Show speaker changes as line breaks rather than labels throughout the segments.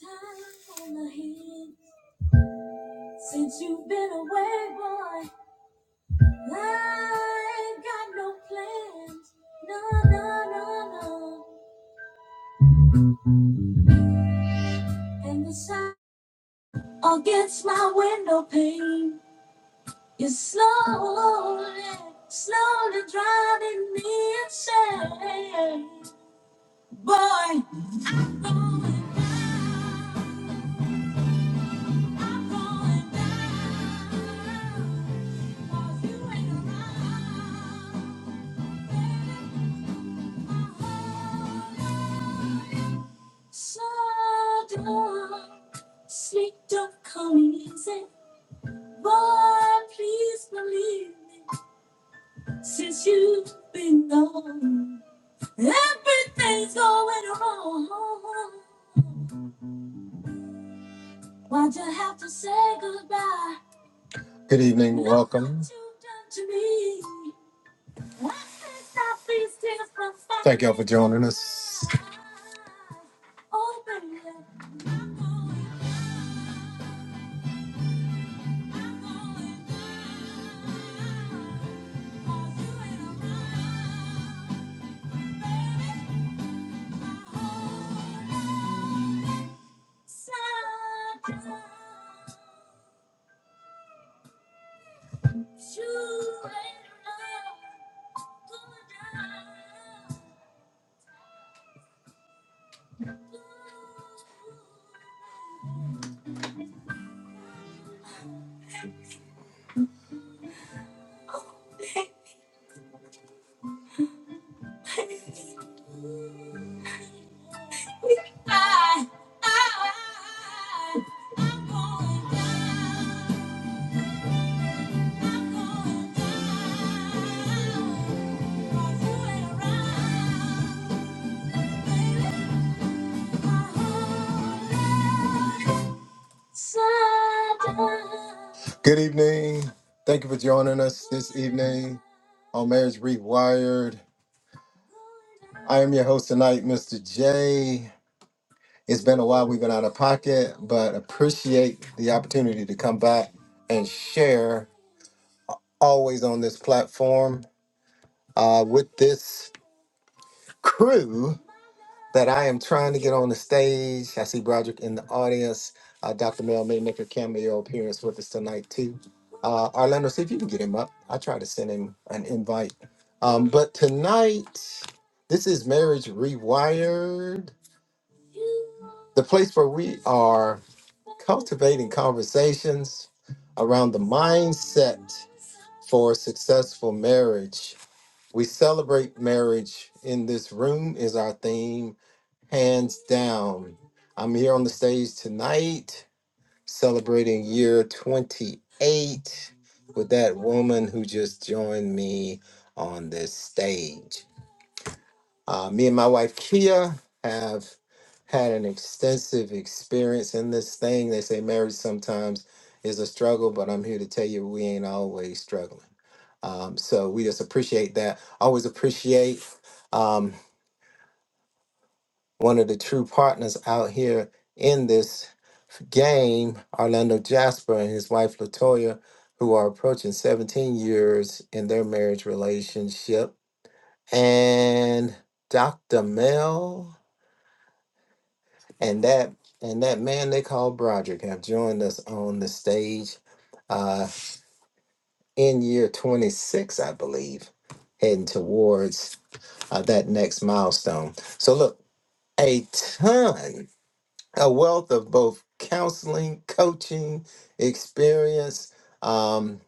Time on the hand. Since you've been away, boy, I ain't got no plans. No, no, no, no. And the sound against my window pane is slowly, slowly driving me insane. Boy, I'm going down. 'cause you ain't around. baby. My whole Shadow, sleep don't come easy. Boy, please believe me. Since you've been gone, everything's going wrong. Why'd you have to say goodbye? Good evening, Look welcome. what you've done to me. Why can't I think that these tears will Thank y'all for joining us. Open your eyes. I, I, I'm going down. Good evening. Thank you for joining us this evening on Marriage Rewired. I am your host tonight, Mr. J. It's been a while we've been out of pocket, but appreciate the opportunity to come back and share always on this platform. Uh, with this crew that I am trying to get on the stage. I see Broderick in the audience. Uh, Dr. Mel may make a cameo appearance with us tonight, too. Uh, Orlando, see if you can get him up. I try to send him an invite. Um, but tonight, this is Marriage Rewired, the place where we are cultivating conversations around the mindset for successful marriage. We celebrate marriage in this room is our theme hands down. I'm here on the stage tonight celebrating year 28 with that woman who just joined me on this stage. Uh, me and my wife Kia have had an extensive experience in this thing. They say marriage sometimes is a struggle, but I'm here to tell you we ain't always struggling. Um, so we just appreciate that. Always appreciate. Um, one of the true partners out here in this game, Orlando Jasper and his wife Latoya, who are approaching 17 years in their marriage relationship, and Dr. Mel and that and that man they call Broderick have joined us on the stage uh, in year 26, I believe, heading towards uh, that next milestone. So look, a ton a wealth of both counseling, coaching experience. Um,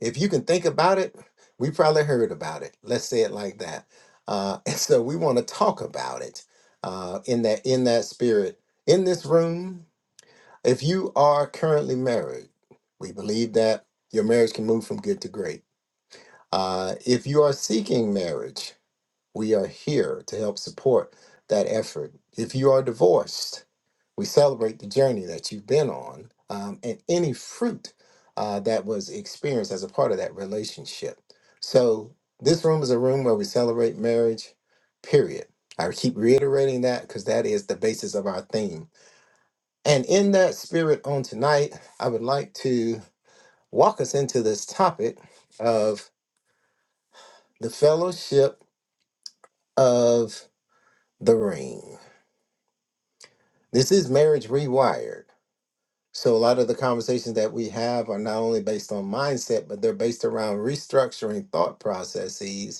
if you can think about it, we probably heard about it. Let's say it like that. Uh, and so we want to talk about it uh, in that in that spirit in this room. If you are currently married, we believe that your marriage can move from good to great. Uh, if you are seeking marriage, we are here to help support that effort. If you are divorced, We celebrate the journey that you've been on um, and any fruit uh, that was experienced as a part of that relationship. So, this room is a room where we celebrate marriage, period. I keep reiterating that because that is the basis of our theme. And in that spirit, on tonight, I would like to walk us into this topic of the fellowship of the ring. This is Marriage Rewired. So a lot of the conversations that we have are not only based on mindset, but they're based around restructuring thought processes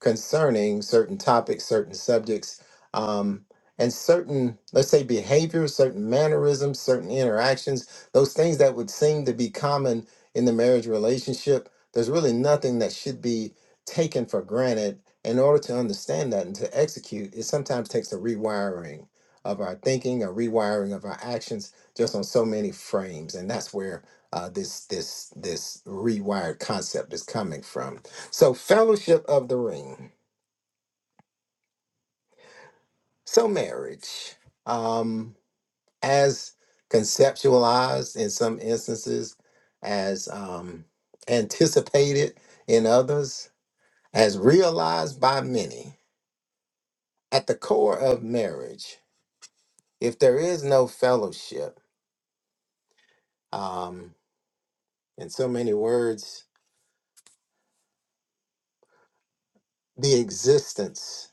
concerning certain topics, certain subjects, um, and certain, let's say, behaviors, certain mannerisms, certain interactions, those things that would seem to be common in the marriage relationship. There's really nothing that should be taken for granted. In order to understand that and to execute, it sometimes takes a rewiring of our thinking, a rewiring of our actions, just on so many frames, and that's where uh, this this this rewired concept is coming from. So, Fellowship of the Ring. So, marriage, um, as conceptualized in some instances, as um, anticipated in others, as realized by many, at the core of marriage, if there is no fellowship, um, in so many words, the existence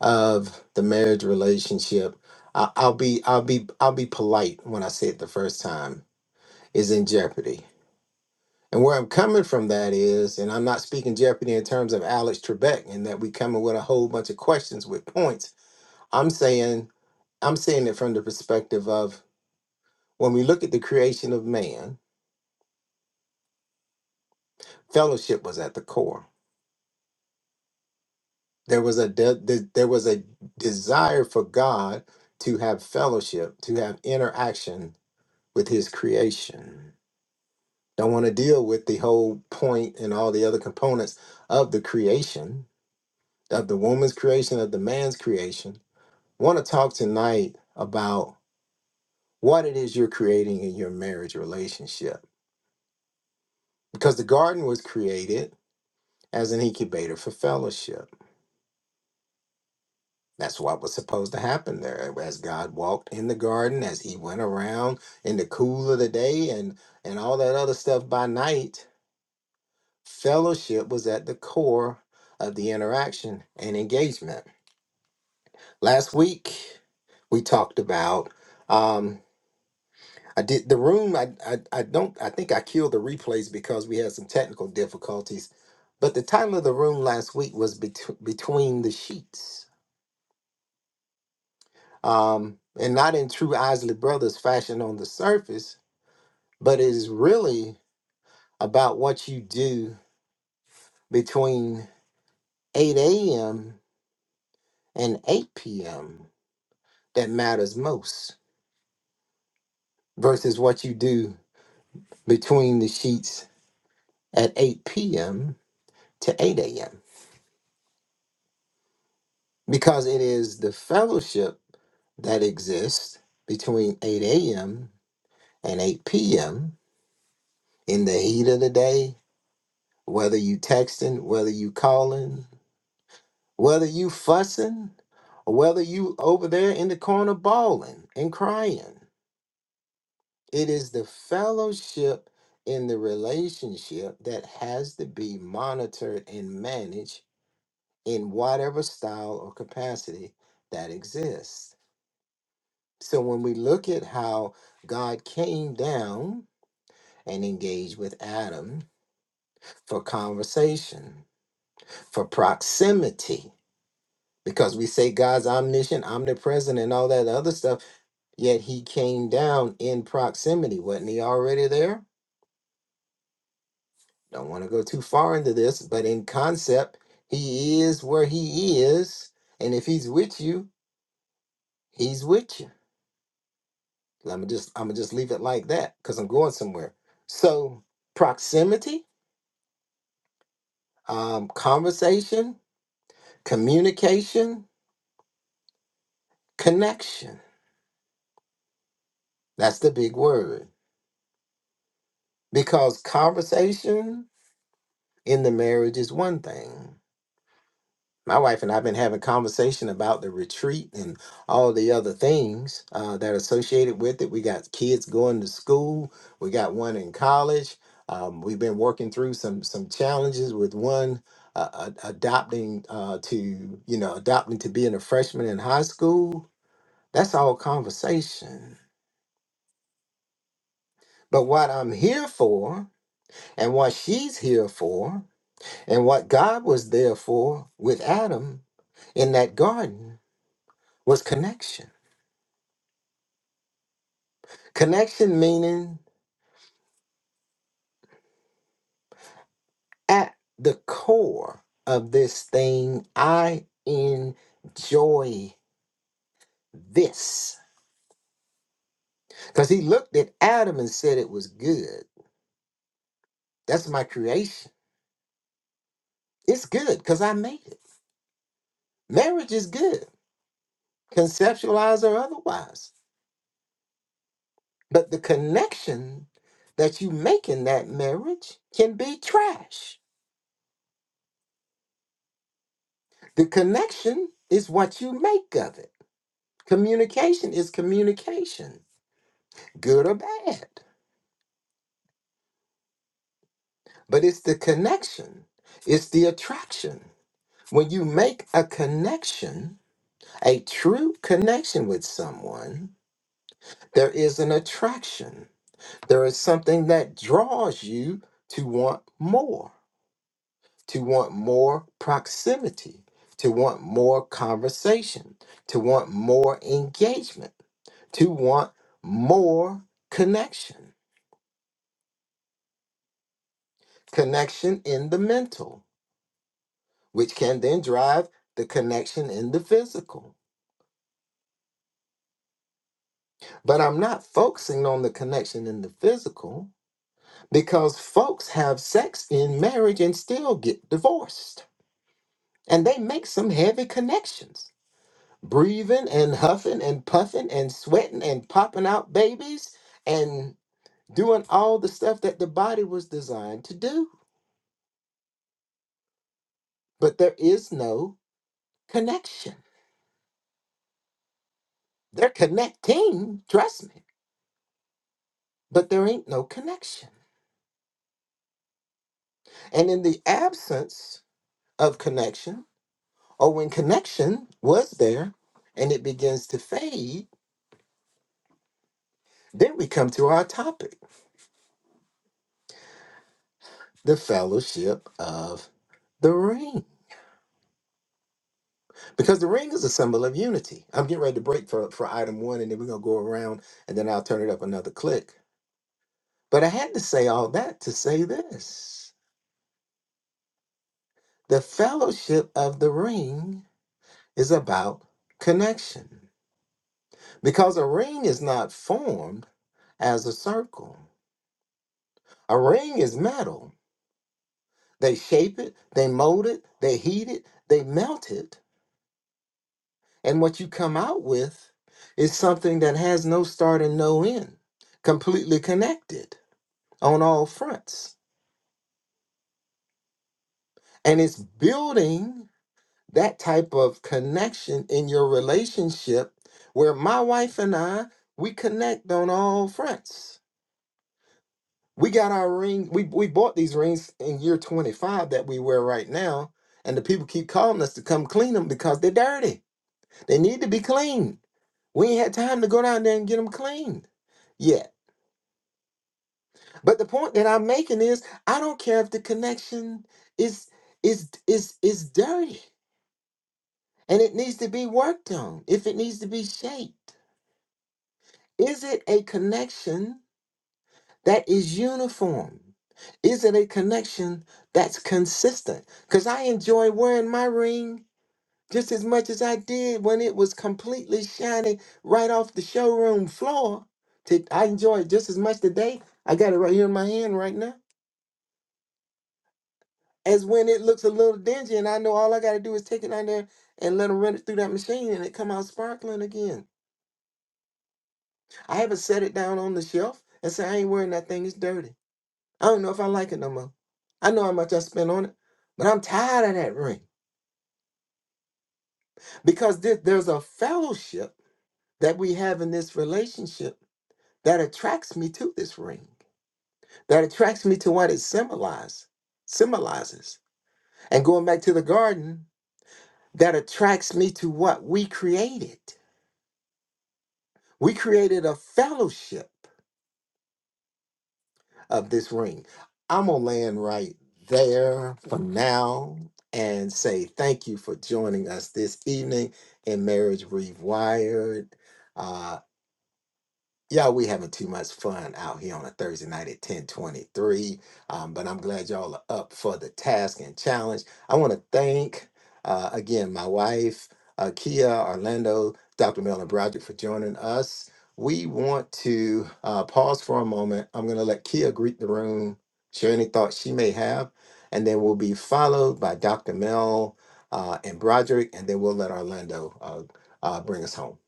of the marriage relationship, I- I'll be, I'll be, I'll be polite when I say it the first time, is in jeopardy And where I'm coming from that is, and I'm not speaking Jeopardy in terms of Alex Trebek and that we coming with a whole bunch of questions with points. I'm saying I'm saying it from the perspective of when we look at the creation of man, fellowship was at the core. There was a de- de- there was a desire for God to have fellowship, to have interaction with His creation. Don't want to deal with the whole point and all the other components of the creation, of the woman's creation, of the man's creation want to talk tonight about what it is you're creating in your marriage relationship. Because the garden was created as an incubator for fellowship. That's what was supposed to happen there. As God walked in the garden, as he went around in the cool of the day and, and all that other stuff by night, fellowship was at the core of the interaction and engagement. Last week, we talked about um, I did the room. I, I I don't. I think I killed the replays because we had some technical difficulties. But the title of the room last week was Bet- between the sheets, um, and not in true Isley Brothers fashion on the surface, but it is really about what you do between 8 a.m. and 8 p.m. that matters most versus what you do between the sheets at 8 p.m. to 8 a.m. because it is the fellowship that exists between 8 a.m. and 8 p.m. in the heat of the day, whether you texting, whether you calling, whether you fussing, or whether you over there in the corner bawling and crying. It is the fellowship in the relationship that has to be monitored and managed in whatever style or capacity that exists. So when we look at how God came down and engaged with Adam for conversation, for proximity, because we say God's omniscient, omnipresent, and all that other stuff, yet he came down in proximity. Wasn't he already there? Don't want to go too far into this, but in concept, he is where he is. And if he's with you, he's with you. I'm just I'm gonna just leave it like that because I'm going somewhere. So proximity um, conversation, communication, connection. That's the big word. Because conversation in the marriage is one thing. My wife and I have been having conversation about the retreat and all the other things uh, that are associated with it. We got kids going to school. We got one in college. Um, we've been working through some some challenges with one uh, a- adopting uh, to you know adopting to being a freshman in high school That's all conversation. But what I'm here for, and what she's here for, and what God was there for with Adam in that garden was connection. Connection meaning at the core of this thing, I enjoy this. Because he looked at Adam and said it was good. That's my creation. It's good because I made it. Marriage is good, conceptualize or otherwise. But the connection that you make in that marriage can be trash. The connection is what you make of it. Communication is communication, good or bad. But it's the connection, it's the attraction. When you make a connection, a true connection with someone, there is an attraction. There is something that draws you to want more. to want more proximity, to want more conversation, to want more engagement, to want more connection, connection in the mental, which can then drive the connection in the physical. But I'm not focusing on the connection in the physical because folks have sex in marriage and still get divorced. And they make some heavy connections breathing and huffing and puffing and sweating and popping out babies and doing all the stuff that the body was designed to do. But there is no connection. They're connecting, trust me, but there ain't no connection. And in the absence of connection, or when connection was there and it begins to fade, then we come to our topic the fellowship of the ring. Because the ring is a symbol of unity. I'm getting ready to break for, for item one, and then we're going to go around, and then I'll turn it up another click. But I had to say all that to say this the fellowship of the ring is about connection. Because a ring is not formed as a circle, a ring is metal. They shape it, they mold it, they heat it, they melt it. And what you come out with is something that has no start and no end, completely connected. on all fronts. And it's building that type of connection in your relationship where my wife and I, we connect on all fronts. We got our ring, we, we bought these rings in year 25 that we wear right now. And the people keep calling us to come clean them because they're dirty. They need to be cleaned. We ain't had time to go down there and get them cleaned yet. But the point that I'm making is I don't care if the connection is is is is dirty. and it needs to be worked on if it needs to be shaped. Is it a connection that is uniform? Is it a connection that's consistent? Because I enjoy wearing my ring just as much as I did when it was completely shiny right off the showroom floor. To- I enjoy it just as much today. I got it right here in my hand right now. As when it looks a little dingy and I know all I got to do is take it out there and let them run it through that machine and it come out sparkling again. I haven't set it down on the shelf and say I ain't wearing that thing. It's dirty. I don't know if I like it no more. I know how much I spent on it, but I'm tired of that ring because there- there's a fellowship that we have in this relationship that attracts me to this ring, that attracts me to what it symbolizes. Symbolizes. And going back to the garden, that attracts me to what we created. We created a fellowship of this ring. I'm going to land right there for now and say thank you for joining us this evening in Marriage Rewired. Uh, Y'all, we having too much fun out here on a Thursday night at 1023. Um, but I'm glad y'all are up for the task and challenge. I want to thank uh, again my wife, uh, Kia Orlando, Dr. Melvin Broderick for joining us. We want to uh, pause for a moment. I'm going to let Kia greet the room, share any thoughts she may have, and then we'll be followed by Dr. Mel uh, and Broderick, and then we'll let Orlando uh, uh, bring us home.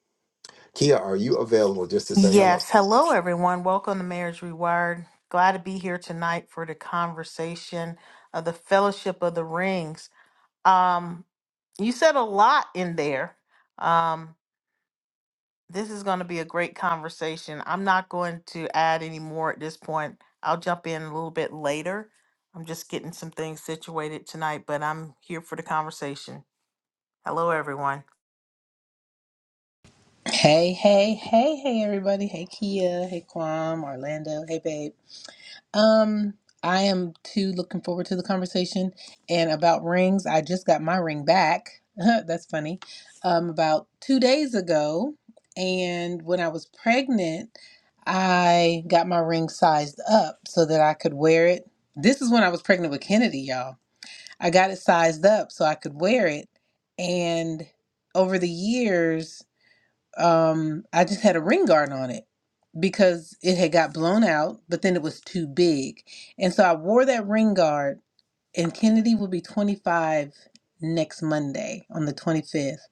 Kia, are you available just to say hello?
Yes. Hello, everyone. Welcome to Marriage Rewired. Glad to be here tonight for the conversation of the Fellowship of the Rings. Um, you said a lot in there. Um, this is going to be a great conversation. I'm not going to add any more at this point. I'll jump in a little bit later. I'm just getting some things situated tonight, but I'm here for the conversation. Hello, everyone.
Hey, hey, hey, hey, everybody. Hey, Kia. Hey, Kwam, Orlando. Hey, babe. Um, I am too looking forward to the conversation. And about rings, I just got my ring back. That's funny. Um, about two days ago. And when I was pregnant, I got my ring sized up so that I could wear it. This is when I was pregnant with Kennedy, y'all. I got it sized up so I could wear it. And over the years, um, I just had a ring guard on it because it had got blown out, but then it was too big. And so I wore that ring guard, and Kennedy will be 25 next Monday on the 25th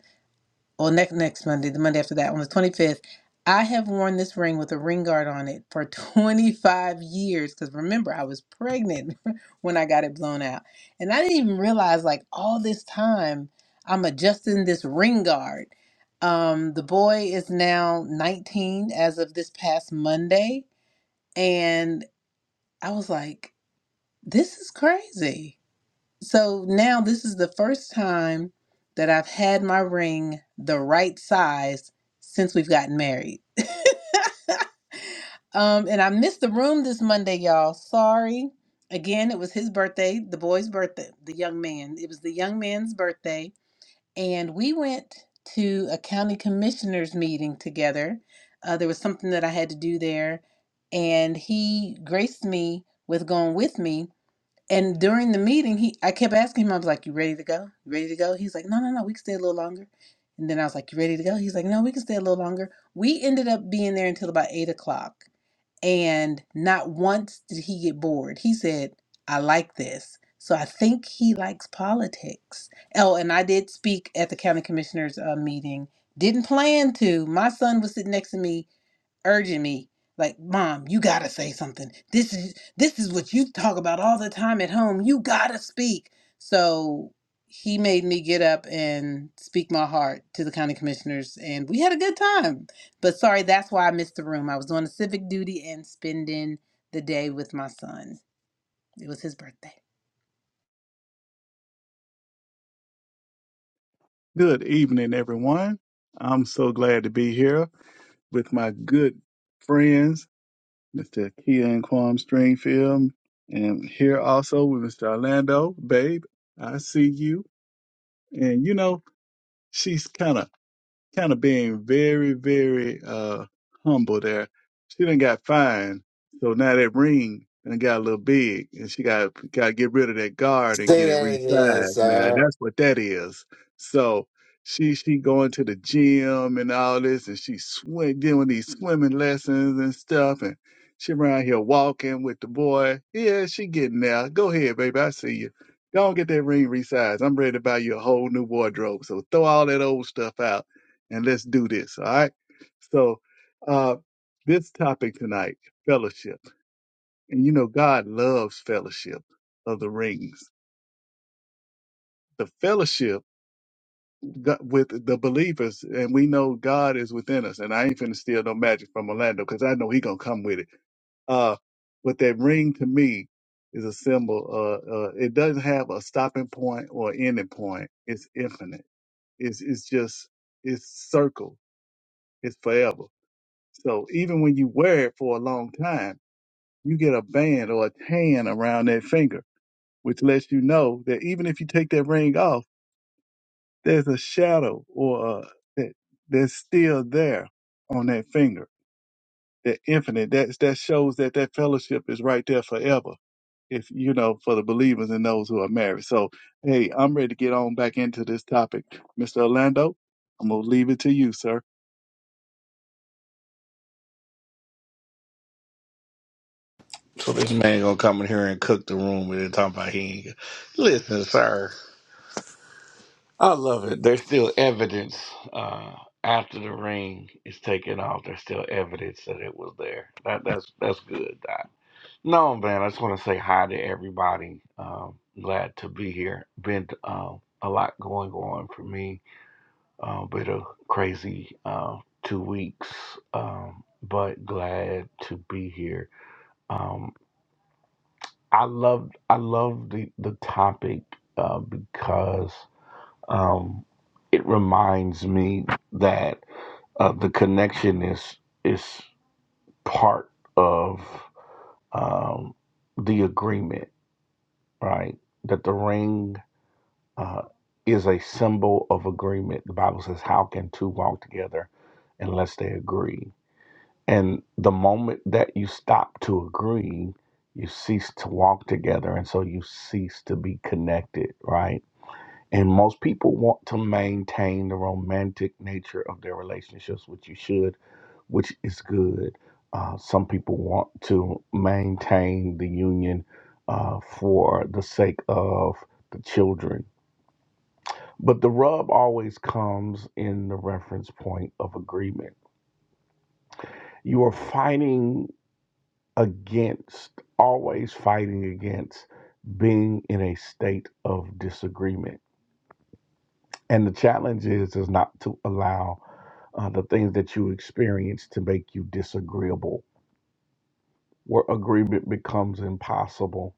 or next next Monday, the Monday after that, on the 25th, I have worn this ring with a ring guard on it for 25 years. Because remember, I was pregnant when I got it blown out, and I didn't even realize like all this time I'm adjusting this ring guard. Um, the boy is now 19 as of this past Monday, and I was like, this is crazy. So now this is the first time that I've had my ring the right size since we've gotten married. Um, and I missed the room this Monday, y'all. Sorry. Again, it was his birthday, the boy's birthday, the young man. It was the young man's birthday. And we went to a county commissioners meeting together. Uh, there was something that I had to do there. And he graced me with going with me. And during the meeting, he I kept asking him, I was like, You ready to go? You ready to go? He's like, No, no, no, we can stay a little longer. And then I was like, You ready to go? He's like, No, we can stay a little longer. We ended up being there until about eight o'clock. And not once did he get bored. He said, I like this. So I think he likes politics. Oh, and I did speak at the county commissioners uh, meeting. Didn't plan to. My son was sitting next to me urging me like mom you gotta say something this is this is what you talk about all the time at home you gotta speak so he made me get up and speak my heart to the county commissioners and we had a good time but sorry that's why i missed the room i was doing a civic duty and spending the day with my son it was his birthday
Good evening, everyone. I'm so glad to be here with my good friends, Mr. Kia and Quam Stringfield, and here also with Mr. Orlando. Babe, I see you. And you know, she's kind of kind of being very, very uh humble there. She done got fined, so now that ring and got a little big, and she got got to get rid of that guard and
Say
get it
that again,
resized. Now
sir.
that's what that is. So she she going to the gym and all this, and she swim doing these swimming lessons and stuff, and she around here walking with the boy. Yeah, she getting there. Go ahead, baby. I see you. Go and get that ring resized. I'm ready to buy you a whole new wardrobe. So throw all that old stuff out and let's do this. All right. So, uh, this topic tonight, fellowship. And you know, God loves fellowship of the rings, the fellowship go- with the believers. And we know God is within us. And I ain't finna steal no magic from Orlando because I know he gonna come with it. Uh, but that ring to me is a symbol. Uh, uh, it doesn't have a stopping point or ending point. It's infinite. It's, it's just, it's circle. It's forever. So even when you wear it for a long time, you get a band or a tan around that finger, which lets you know that even if you take that ring off, there's a shadow or uh that that's still there on that finger. That infinite, that's that shows that that fellowship is right there forever. If you know, for the believers and those who are married. So, hey, I'm ready to get on back into this topic, Mr. Orlando. I'm gonna leave it to you, sir.
So this man gonna come in here and cook the room and then talk about he ain't. Listen, sir, I love it. There's still evidence uh, after the ring is taken off. There's still evidence that it was there. That that's that's good. Doc. No, man, I just want to say hi to everybody. Um, glad to be here. Been um, a lot going on for me. Uh, been a crazy uh, two weeks, um, but glad to be here. Um, I love I love the the topic uh, because um, it reminds me that uh, the connection is is part of um, the agreement, right? That the ring uh, is a symbol of agreement. The Bible says, "How can two walk together unless they agree?" And the moment that you stop to agree, you cease to walk together. And so you cease to be connected, right? And most people want to maintain the romantic nature of their relationships, which you should, which is good. Uh, some people want to maintain the union uh, for the sake of the children. But the rub always comes in the reference point of agreement. You are fighting against, always fighting against being in a state of disagreement. And the challenge is is not to allow uh, the things that you experience to make you disagreeable, where agreement becomes impossible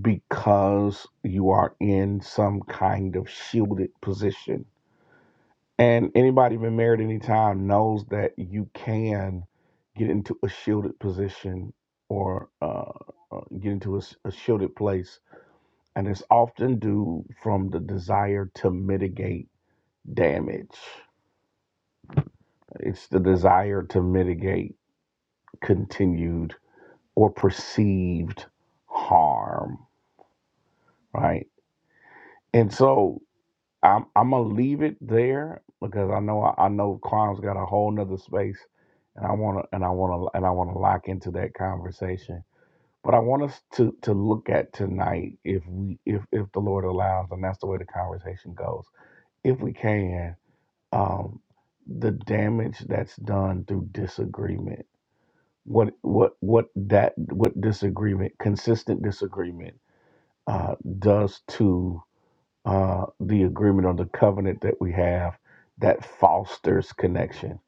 because you are in some kind of shielded position. And anybody been married any time knows that you can get into a shielded position or uh, uh, get into a s a a shielded place and it's often due from the desire to mitigate damage. It's the desire to mitigate continued or perceived harm, right? And so I'm I'm gonna leave it there because I know I, I know climb's got a whole nother space, and I wanna and I wanna and I wanna lock into that conversation. But I want us to to look at tonight if we if if the Lord allows, and that's the way the conversation goes. If we can, um, the damage that's done through disagreement. What what what that what disagreement, consistent disagreement, uh, does to uh, the agreement or the covenant that we have that fosters connection.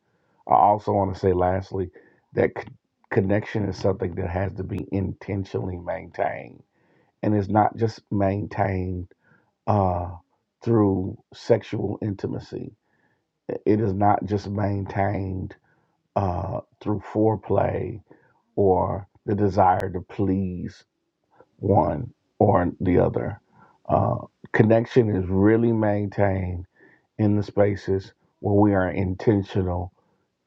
I also want to say, lastly, that c- connection is something that has to be intentionally maintained, and it's not just maintained uh, through sexual intimacy. It is not just maintained uh, through foreplay or the desire to please one or the other. Uh, connection is really maintained in the spaces where we are intentional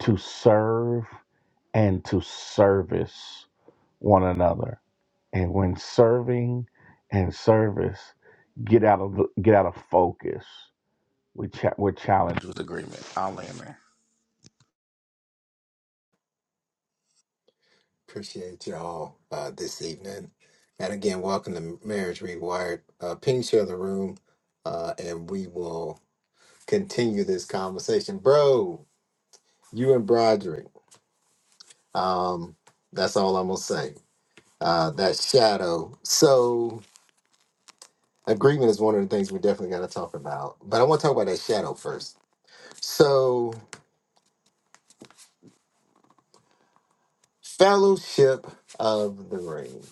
to serve and to service one another. And when serving and service get out of get out of focus, we cha- we're challenged with agreement. I'll land there.
Appreciate y'all uh, this evening. And again, welcome to Marriage Rewired. Uh, ping share the room, uh, and we will continue this conversation. Bro, you and Broderick, um, that's all I'm going to say. Uh, that shadow. So, agreement is one of the things we definitely got to talk about. But I want to talk about that shadow first. So, Fellowship of the Ring.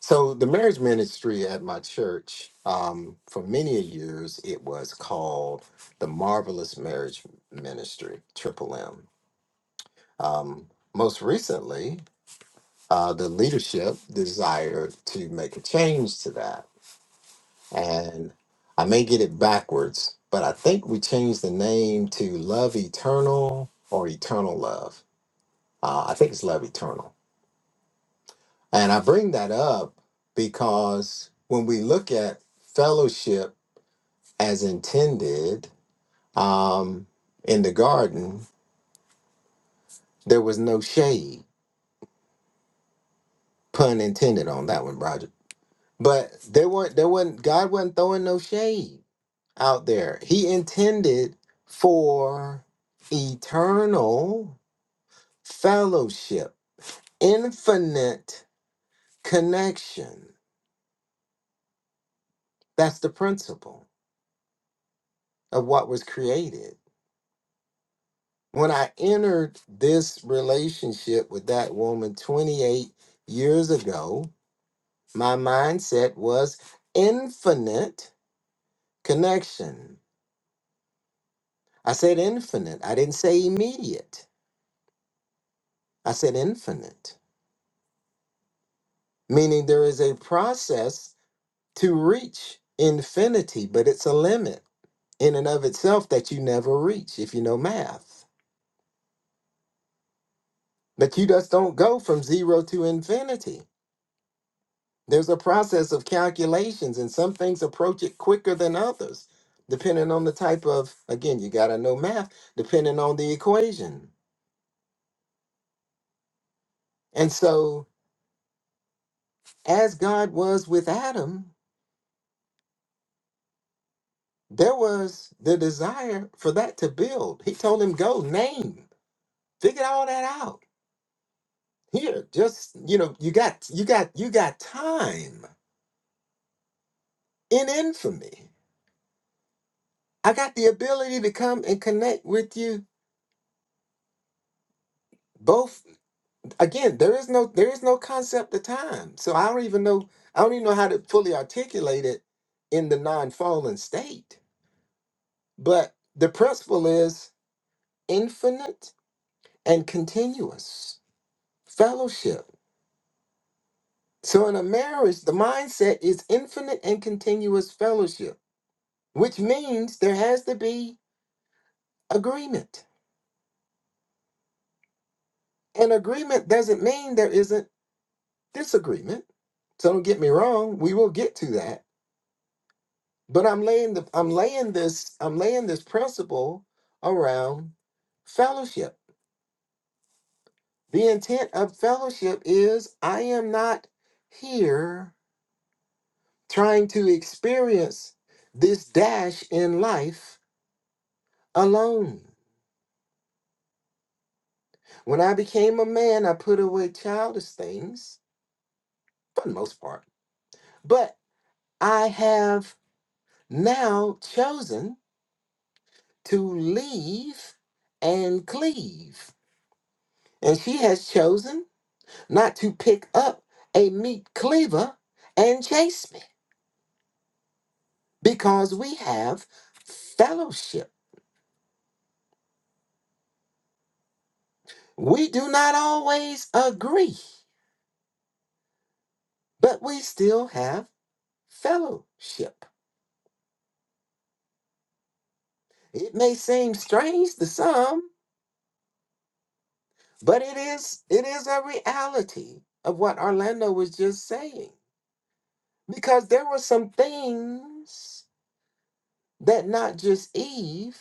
So the marriage ministry at my church, um, for many years, it was called the Marvelous Marriage Ministry, Triple M. Um, most recently, uh, the leadership desired to make a change to that, and I may get it backwards, but I think we changed the name to Love Eternal or Eternal Love. Uh, I think it's Love Eternal, and I bring that up because when we look at fellowship as intended um, in the garden, there was no shade. Pun intended on that one, Roger. But there weren't there wasn't God wasn't throwing no shade out there. He intended for eternal fellowship, infinite connection. That's the principle of what was created. When I entered this relationship with that woman 28 years ago, My mindset was infinite connection. I said infinite. I didn't say immediate. I said infinite, meaning there is a process to reach infinity, but it's a limit in and of itself that you never reach if you know math. But you just don't go from zero to infinity. There's a process of calculations, and some things approach it quicker than others, depending on the type of, again, you got to know math, depending on the equation. And so, as God was with Adam, there was the desire for that to build. He told him, "Go name, figure all that out. Here, just you know, you got you got you got time in infamy. I got the ability to come and connect with you both. Again, there is no there is no concept of time. So I don't even know I don't even know how to fully articulate it in the non fallen state. But the principle is infinite and continuous fellowship. So, in a marriage, the mindset is infinite and continuous fellowship, which means there has to be agreement. And agreement doesn't mean there isn't disagreement. So don't get me wrong, we will get to that. But I'm laying the I'm laying this I'm laying this principle around fellowship. The intent of fellowship is I am not here trying to experience this dash in life alone. When I became a man, I put away childish things for the most part, but I have now chosen to leave and cleave. And she has chosen not to pick up a meat cleaver and chase me because we have fellowship. We do not always agree, but we still have fellowship. It may seem strange to some, but it is it is a reality of what Orlando was just saying. Because there were some things that not just Eve,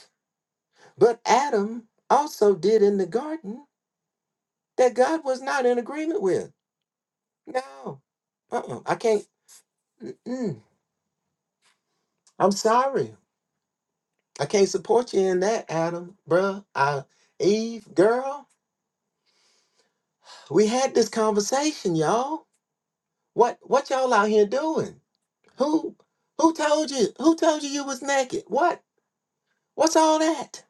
but Adam also did in the garden that God was not in agreement with. No, uh-uh, I can't. Mm-mm. I'm sorry. I can't support you in that, Adam, bruh. I, Eve, girl. We had this conversation, y'all. What what y'all out here doing? Who who told you who told you you was naked? What? What's all that?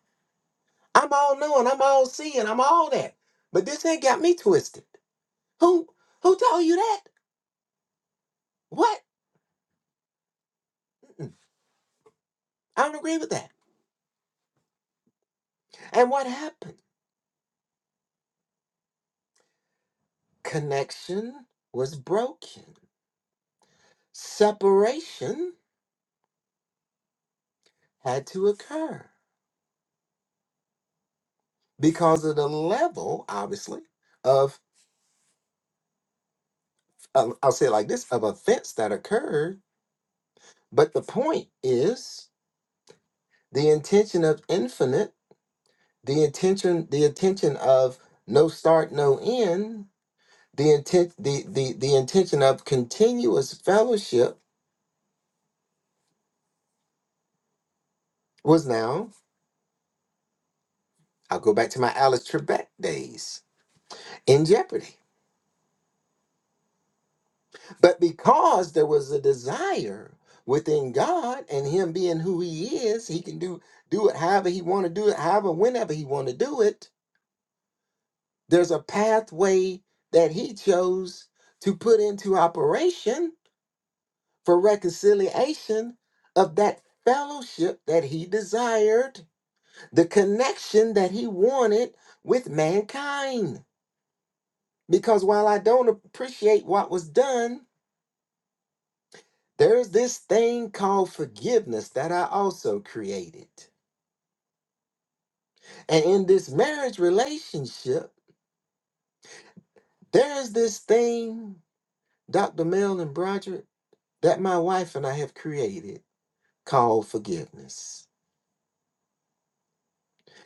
I'm all knowing, I'm all seeing, I'm all that. But this ain't got me twisted. Who who told you that? What? Mm-mm, I don't agree with that. And what happened? Connection was broken. Separation had to occur because of the level, obviously, of uh, I'll say it like this, of offense that occurred. But the point is the intention of infinite the intention the intention of no start no end the intent the the, the intention of continuous fellowship was now i'll go back to my alice trebek days in jeopardy but because there was a desire within god and him being who he is he can do do it however he want to do it however whenever he want to do it there's a pathway that he chose to put into operation for reconciliation of that fellowship that he desired, the connection that he wanted with mankind. Because while I don't appreciate what was done, there's this thing called forgiveness that I also created. And in this marriage relationship, there's this thing, Dr. Mel and Broderick, that my wife and I have created called forgiveness.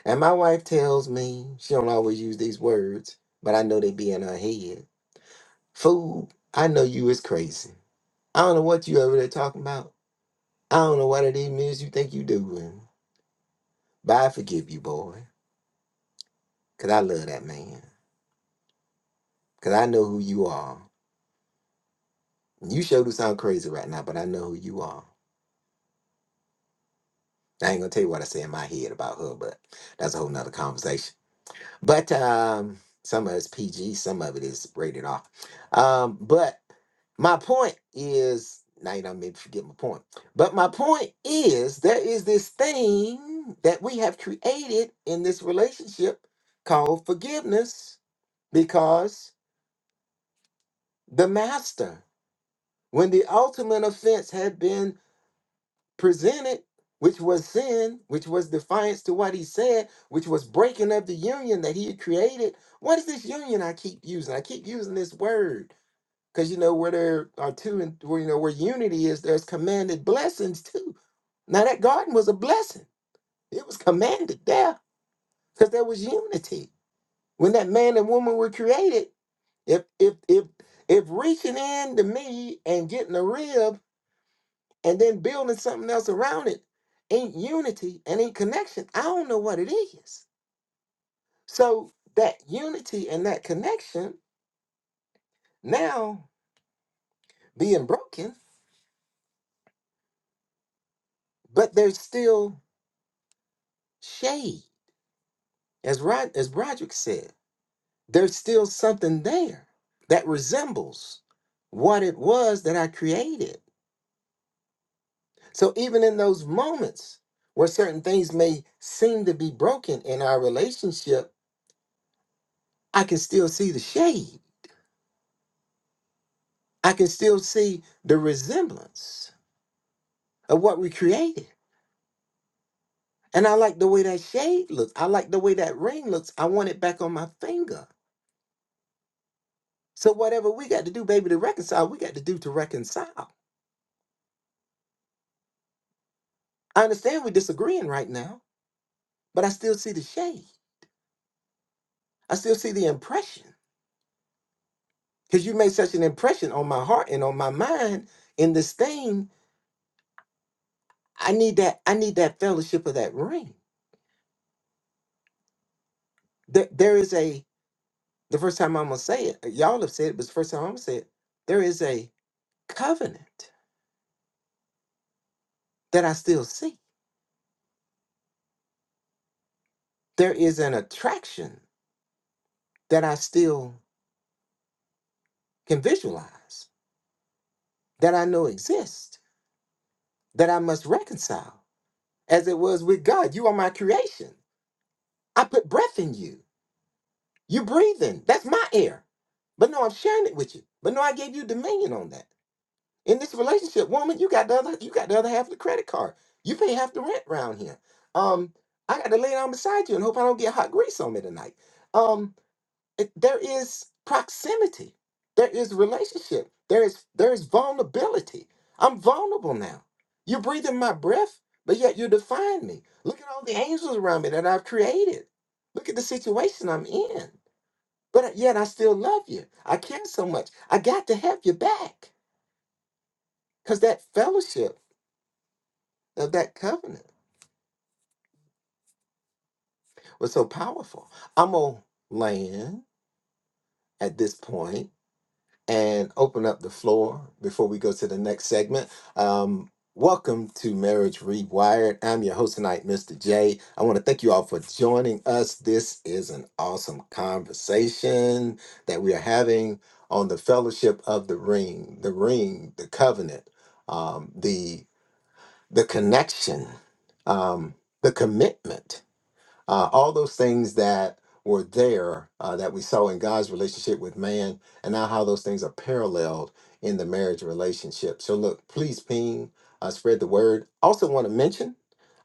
And my wife tells me she don't always use these words, but I know they be in her head. Fool, I know you is crazy. I don't know what you over there talking about. I don't know what it even is you think you doing. But I forgive you, boy, 'cause I love that man. 'Cause I know who you are. You sure do sound crazy right now, but I know who you are. I ain't gonna tell you what I say in my head about her, but that's a whole nother conversation. But um, some of it's PG, some of it is rated R. Um, but my point is, now you don't make me forget my point. But my point is, there is this thing that we have created in this relationship called forgiveness, because the master, when the ultimate offense had been presented, which was sin, which was defiance to what he said, which was breaking of the union that he had created. What is this union I keep using? I keep using this word because you know where there are two and where you know where unity is, there's commanded blessings too. Now that garden was a blessing. It was commanded there because there was unity. When that man and woman were created, if if if if reaching in to me and getting a rib and then building something else around it ain't unity and ain't connection. I don't know what it is. So that unity and that connection now being broken, but there's still shade. As Rod as Roderick said, there's still something there that resembles what it was that I created. So even in those moments where certain things may seem to be broken in our relationship, I can still see the shade I can still see the resemblance of what we created. And I like the way that shade looks. I like the way that ring looks. I want it back on my finger. So whatever we got to do, baby, to reconcile, we got to do to reconcile. I understand we're disagreeing right now, but I still see the shade. I still see the impression. Because you made such an impression on my heart and on my mind in this thing. I need that, I need that fellowship of that ring. There, there is a the first time I'm gonna say it, y'all have said it, but it's the first time I'm gonna say it. There is a covenant that I still see. There is an attraction that I still can visualize, that I know exists, that I must reconcile, as it was with God. You are my creation. I put breath in you. You're breathing. That's my air. But no, I'm sharing it with you. But no, I gave you dominion on that. In this relationship, woman, you got the other, you got the other half of the credit card. You pay half the rent around here. Um, I got to lay down beside you and hope I don't get hot grease on me tonight. Um, it, there is proximity there is relationship there is there is vulnerability i'm vulnerable now you're breathing my breath but yet you define me look at all the angels around me that i've created look at the situation i'm in but yet i still love you i care so much i got to have you back because that fellowship of that covenant was so powerful i'm gonna land at this point and open up the floor before we go to the next segment. Um, welcome to Marriage Rewired. I'm your host tonight, Mr. J. I want to thank you all for joining us. This is an awesome conversation that we are having on the fellowship of the ring, the ring, the covenant, um, the the connection, um, the commitment uh, all those things that were there uh, that we saw in God's relationship with man, and now how those things are paralleled in the marriage relationship. So, look, please ping, uh, spread the word. Also, want to mention,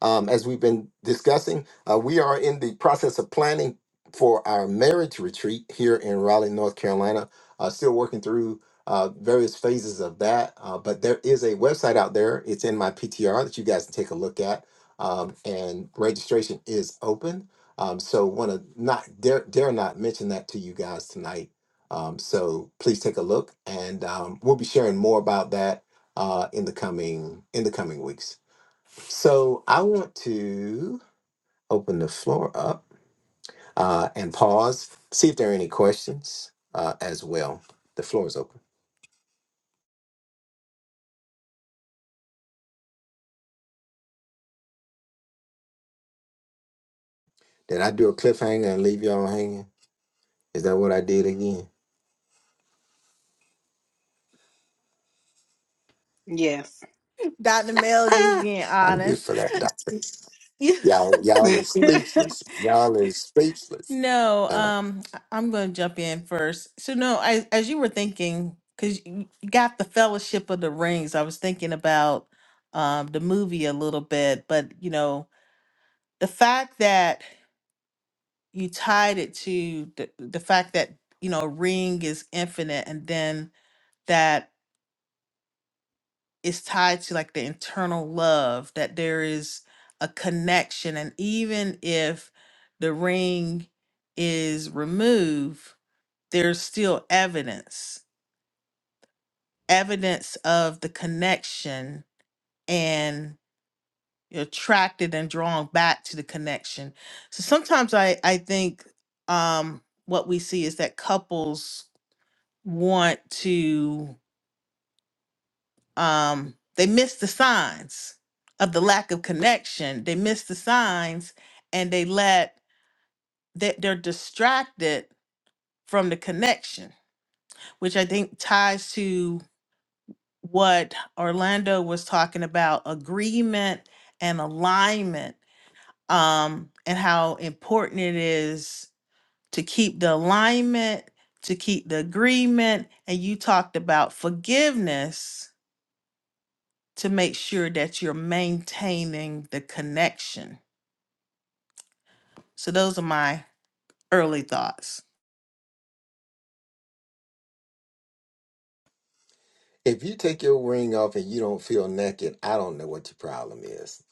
um, as we've been discussing, uh, we are in the process of planning for our marriage retreat here in Raleigh, North Carolina. Uh, still working through uh, various phases of that. Uh, but there is a website out there. It's in my PTR that you guys can take a look at um, and registration is open. Um, so want to not dare dare not mention that to you guys tonight. Um, so please take a look, and um, we'll be sharing more about that uh, in the coming in the coming weeks. So I want to open the floor up uh, and pause, see if there are any questions uh, as well. The floor is open. Did I do a cliffhanger and leave y'all hanging? Is that what I did again?
Yes.
Dr. Mel just being
I'm good
honest.
for that, Doctor. Y'all, y'all is speechless. Y'all is speechless.
No,
Uh,
um, I- I'm going to jump in first. So, no, I, as you were thinking, because you you got the Fellowship of the Rings, I was thinking about um, the movie a little bit, but you know, the fact that you tied it to the, the fact that, you know, a ring is infinite and then that is tied to like the internal love, that there is a connection. And even if the ring is removed, there's still evidence evidence of the connection and you're attracted and drawn back to the connection so sometimes i i think um what we see is that couples want to um they miss the signs of the lack of connection they miss the signs and they let that they're distracted from the connection which i think ties to what Orlando was talking about agreement and alignment, um, and how important it is to keep the alignment, to keep the agreement. And you talked about forgiveness to make sure that you're maintaining the connection. So, those are my early thoughts.
if you take your ring off and you don't feel naked, I don't know what your problem is.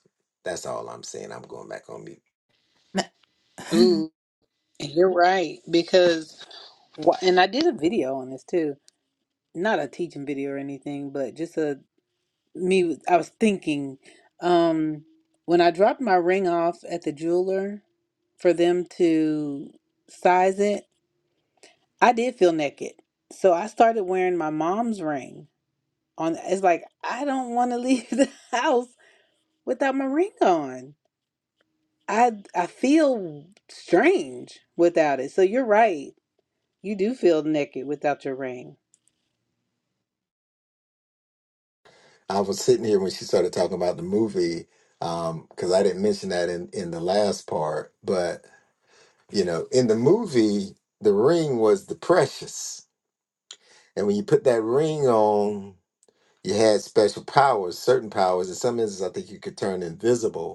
That's all I'm saying. I'm going back on mute.
N-
Ooh, you're right because wh- and I did a video on this too. Not a teaching video or anything, but just a me I was thinking um when I dropped my ring off at the jeweler for them to size it, I did feel naked. So I started wearing my mom's ring on it's like I don't want to leave the house without my ring on. I I feel strange without it. So you're right. You do feel naked without your ring.
I was sitting here when she started talking about the movie, um, because I didn't mention that in, in the last part, but you know, in the movie, the ring was the precious. And when you put that ring on, you had special powers, certain powers. In some instances, I think you could turn invisible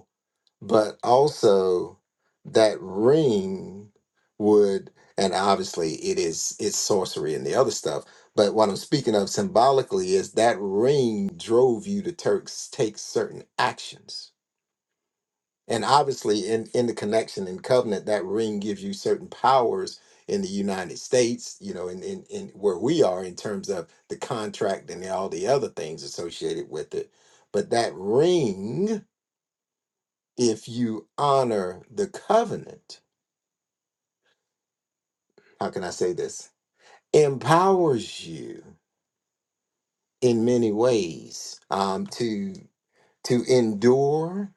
but also that ring would and obviously it is it's sorcery and the other stuff but what i'm speaking of symbolically is that ring drove you to turks take certain actions and obviously in in the connection and covenant that ring gives you certain powers in the united states you know in in, in where we are in terms of the contract and all the other things associated with it but that ring if you honor the covenant, how can I say this? Empowers you in many ways um, to to endure.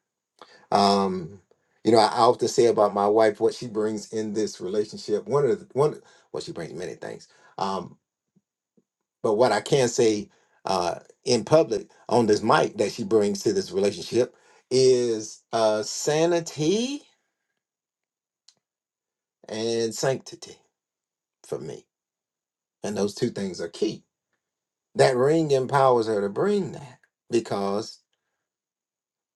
Um, you know, I often say about my wife what she brings in this relationship. One of the one, well, she brings many things. Um, but what I can say uh, in public on this mic that she brings to this relationship is uh, sanity and sanctity for me, and those two things are key That ring empowers her to bring that because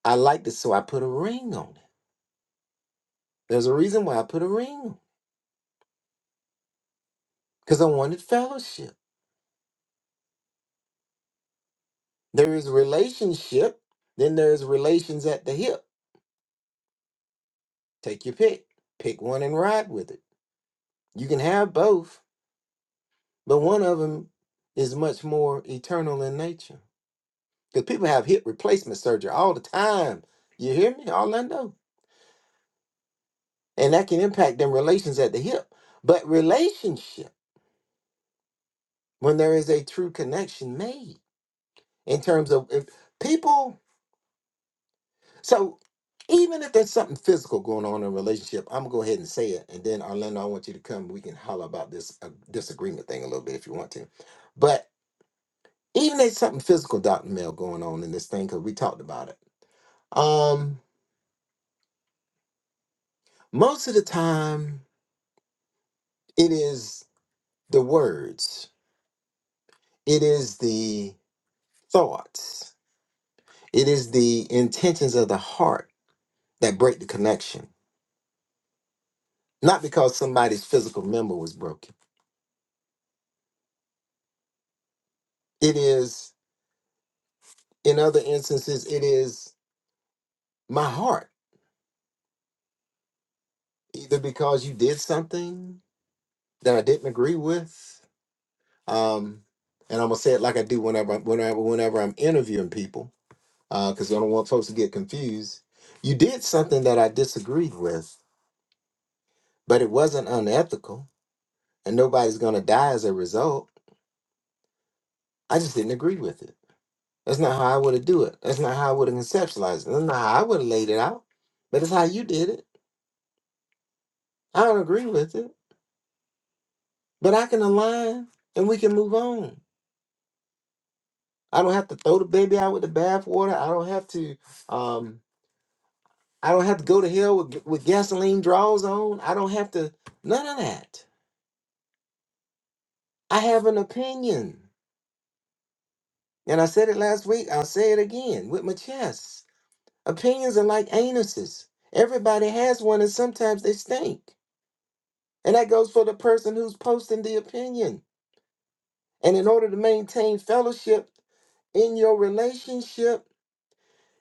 I like this, so I put a ring on it. There's a reason why I put a ring on it because I wanted fellowship. There is relationship, then there's relations at the hip. Take your pick, pick one and ride with it. You can have both, but one of them is much more eternal in nature because people have hip replacement surgery all the time. You hear me, Orlando? And that can impact them relations at the hip. But relationship. when there is a true connection made in terms of if people so even if there's something physical going on in a relationship i'm gonna go ahead and say it and then orlando i want you to come we can holler about this uh, disagreement thing a little bit if you want to but even if something physical dr mel going on in this thing because we talked about it um most of the time it is the words it is the thoughts it is the intentions of the heart that break the connection Not because somebody's physical member was broken. It is, in other instances, it is my heart, either because you did something that I didn't agree with. Um, and I'm gonna say it like I do whenever I- whenever whenever I'm interviewing people, because I don't want folks to get confused. You did something that I disagreed with, but it wasn't unethical, and nobody's gonna die as a result. I just didn't agree with it That's not how I would have do it. That's not how I would have conceptualized it. That's not how I would have laid it out. But it's how you did it. I don't agree with it. But I can align and we can move on. I don't have to throw the baby out with the bathwater. I don't have to um I don't have to go to hell with, with gasoline draws on. I don't have to none of that. I have an opinion. And I said it last week. I'll say it again with my chest. Opinions are like anuses. Everybody has one and sometimes they stink. And that goes for the person who's posting the opinion. And in order to maintain fellowship in your relationship,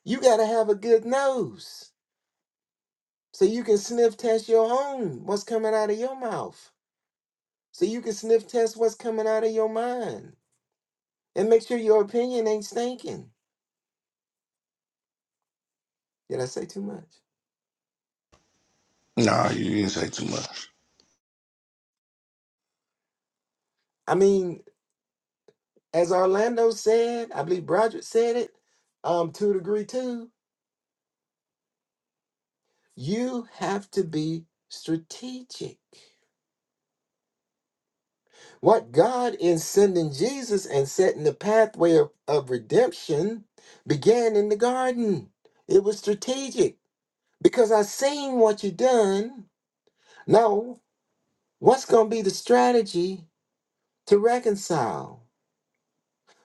you got to have a good nose so you can sniff test your own, what's coming out of your mouth. So you can sniff test what's coming out of your mind and make sure your opinion ain't stinking. Did I say too much?
No, you didn't say too much.
I mean, as Orlando said, I believe Broderick said it um, to a degree too, you have to be strategic. What God, in sending Jesus and setting the pathway of, of redemption, began in the garden. It was strategic because I seen what you done. Now, what's going to be the strategy to reconcile?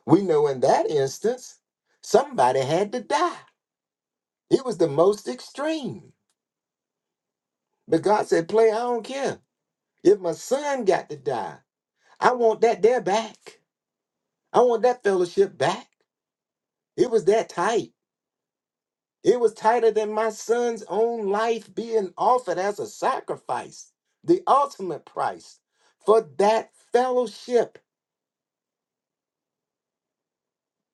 We know in that instance, somebody had to die. It was the most extreme. But God said, Play, I don't care. If my son got to die, I want that there back. I want that fellowship back. It was that tight. It was tighter than my son's own life being offered as a sacrifice, the ultimate price for that fellowship,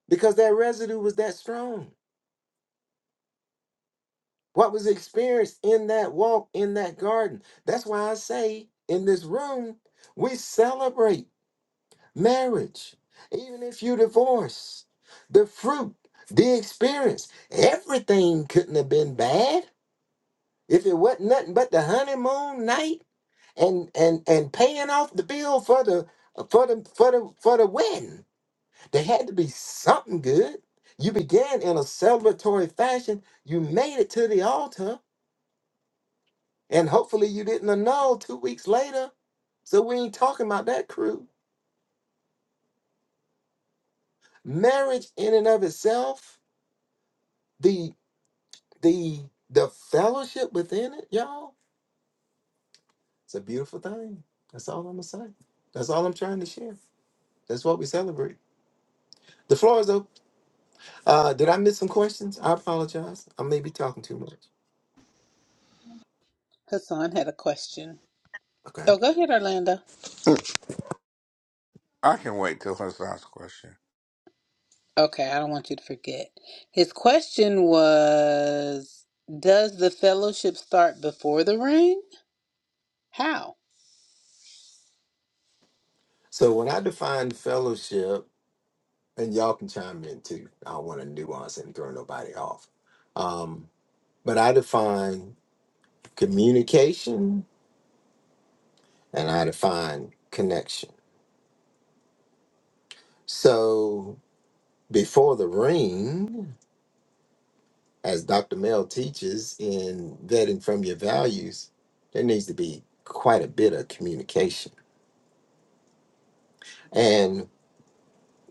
because that residue was that strong. What was experienced in that walk, in that garden. That's why I say in this room, we celebrate marriage, even if you divorce, the fruit, the experience. Everything couldn't have been bad if it wasn't nothing but the honeymoon night and and and paying off the bill for the for the for the for the wedding. There had to be something good. You began in a celebratory fashion. You made it to the altar, and hopefully you didn't annul two weeks later. So we ain't talking about that crew. Marriage in and of itself, the the the fellowship within it, y'all, it's a beautiful thing. That's all I'm gonna say. That's all I'm trying to share. That's what we celebrate. The floor is open. Uh, did I miss some questions? I apologize. I may be talking too much.
Hassan had a question.
Okay.
Oh, go ahead, Orlando.
I can wait till her last question.
Okay, I don't want you to forget. His question was Does the fellowship start before the ring? How?
So when I define fellowship, and y'all can chime in too. I don't want to nuance and throw nobody off. Um, but I define communication and I define connection. So before the ring, as Dr. Mel teaches in vetting from your values, there needs to be quite a bit of communication.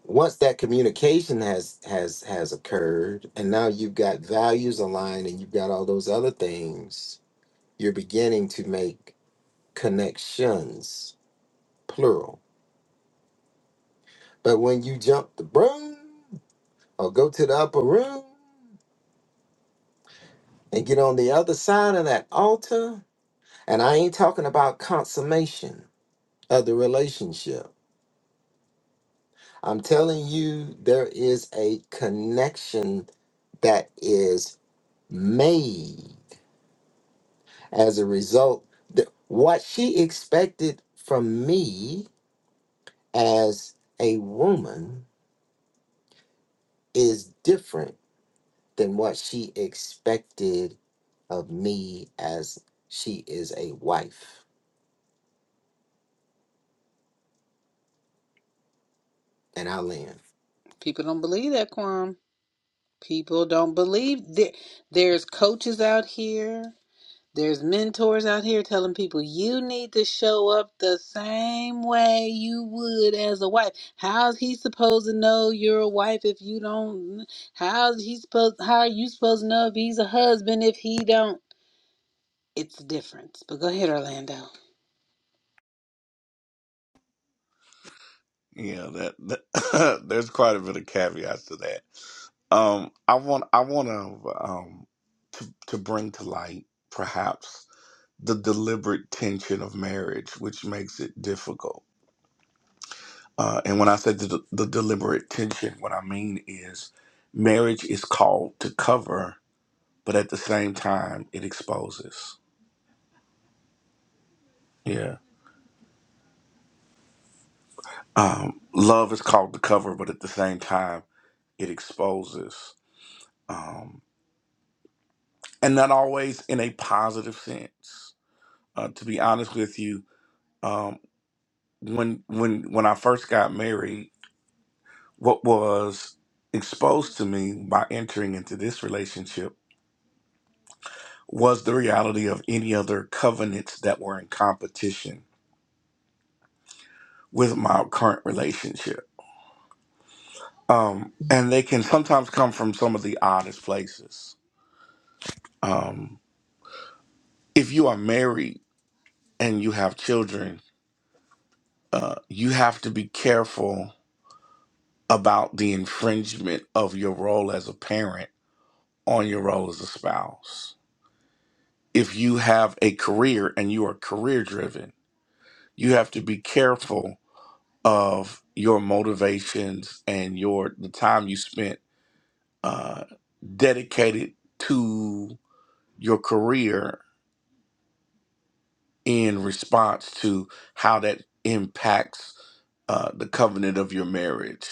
once that communication has has has occurred and now you've got values aligned and you've got all those other things you're beginning to make connections plural but when you jump the broom or go to the upper room and get on the other side of that altar and i ain't talking about consummation of the relationship i'm telling you there is a connection that is made As a result, the, what she expected from me as a woman is different than what she expected of me as she is a wife and I land.
People don't believe that, Quam. People don't believe that. There's coaches out here, there's mentors out here telling people you need to show up the same way you would as a wife. How's he supposed to know you're a wife if you don't? How's he supposed? How are you supposed to know if he's a husband if he don't? it's a difference. But go ahead, Orlando.
Yeah, that, that there's quite a bit of caveats to that. Um, I want I want to um to to bring to light perhaps the deliberate tension of marriage, which makes it difficult. Uh, and when I say the, the deliberate tension, what I mean is marriage is called to cover, but at the same time it exposes. Yeah. Um, love is called to cover, but at the same time it exposes. Um, and not always in a positive sense. Uh, to be honest with you, um, when when when I first got married, what was exposed to me by entering into this relationship was the reality of any other covenants that were in competition with my current relationship, um, and they can sometimes come from some of the oddest places. Um, if you are married and you have children, uh, you have to be careful about the infringement of your role as a parent on your role as a spouse. If you have a career and you are career driven, you have to be careful of your motivations and your the time you spent uh, dedicated to your career in response to how that impacts uh, the covenant of your marriage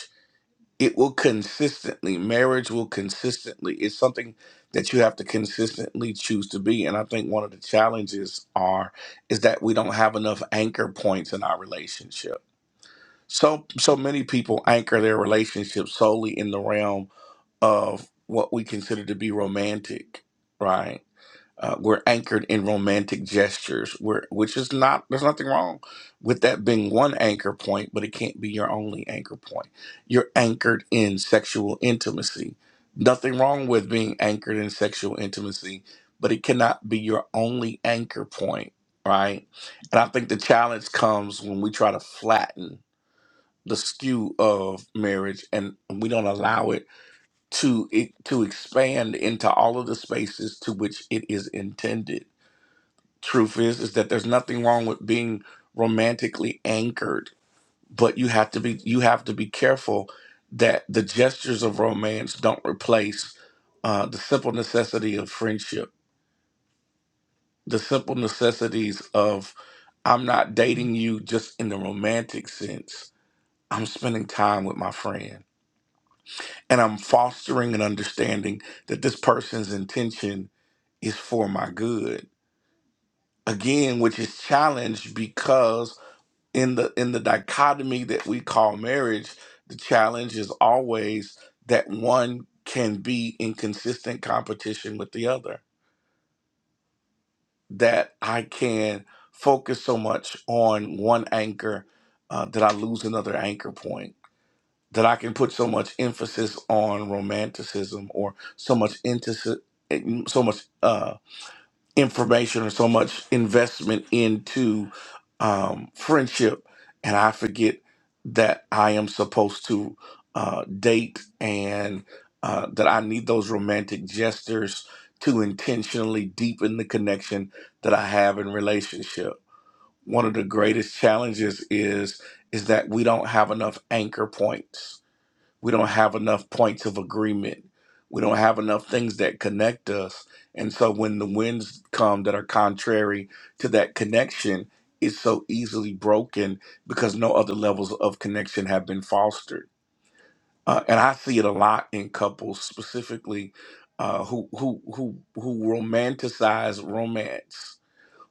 it will consistently marriage will consistently it's something that you have to consistently choose to be and i think one of the challenges are is that we don't have enough anchor points in our relationship so so many people anchor their relationship solely in the realm of what we consider to be romantic right uh, we're anchored in romantic gestures, we're, which is not, there's nothing wrong with that being one anchor point, but it can't be your only anchor point. You're anchored in sexual intimacy. Nothing wrong with being anchored in sexual intimacy, but it cannot be your only anchor point, right? And I think the challenge comes when we try to flatten the skew of marriage and we don't allow it to it to expand into all of the spaces to which it is intended truth is is that there's nothing wrong with being romantically anchored but you have to be you have to be careful that the gestures of romance don't replace uh, the simple necessity of friendship the simple necessities of i'm not dating you just in the romantic sense i'm spending time with my friend and i'm fostering an understanding that this person's intention is for my good again which is challenged because. in the in the dichotomy that we call marriage the challenge is always that one can be in consistent competition with the other that i can focus so much on one anchor uh, that i lose another anchor point that i can put so much emphasis on romanticism or so much emphasis so much uh, information or so much investment into um, friendship, and I forget that I am supposed to uh, date and uh, that I need those romantic gestures to intentionally deepen the connection that I have in relationship. One of the greatest challenges is is that we don't have enough anchor points we don't have enough points of agreement we don't have enough things that connect us and so when the winds come that are contrary to that connection it's so easily broken because no other levels of connection have been fostered uh, and i see it a lot in couples specifically uh, who who who who romanticize romance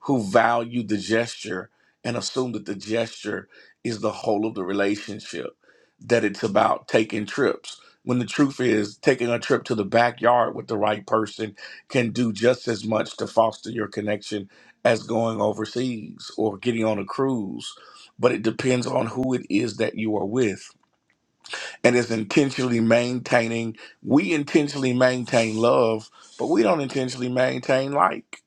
who value the gesture and assume that the gesture is the whole of the relationship, that it's about taking trips. When the truth is, taking a trip to the backyard with the right person can do just as much to foster your connection as going overseas or getting on a cruise. But it depends on who it is that you are with. And it's intentionally maintaining, we intentionally maintain love, but we don't intentionally maintain like.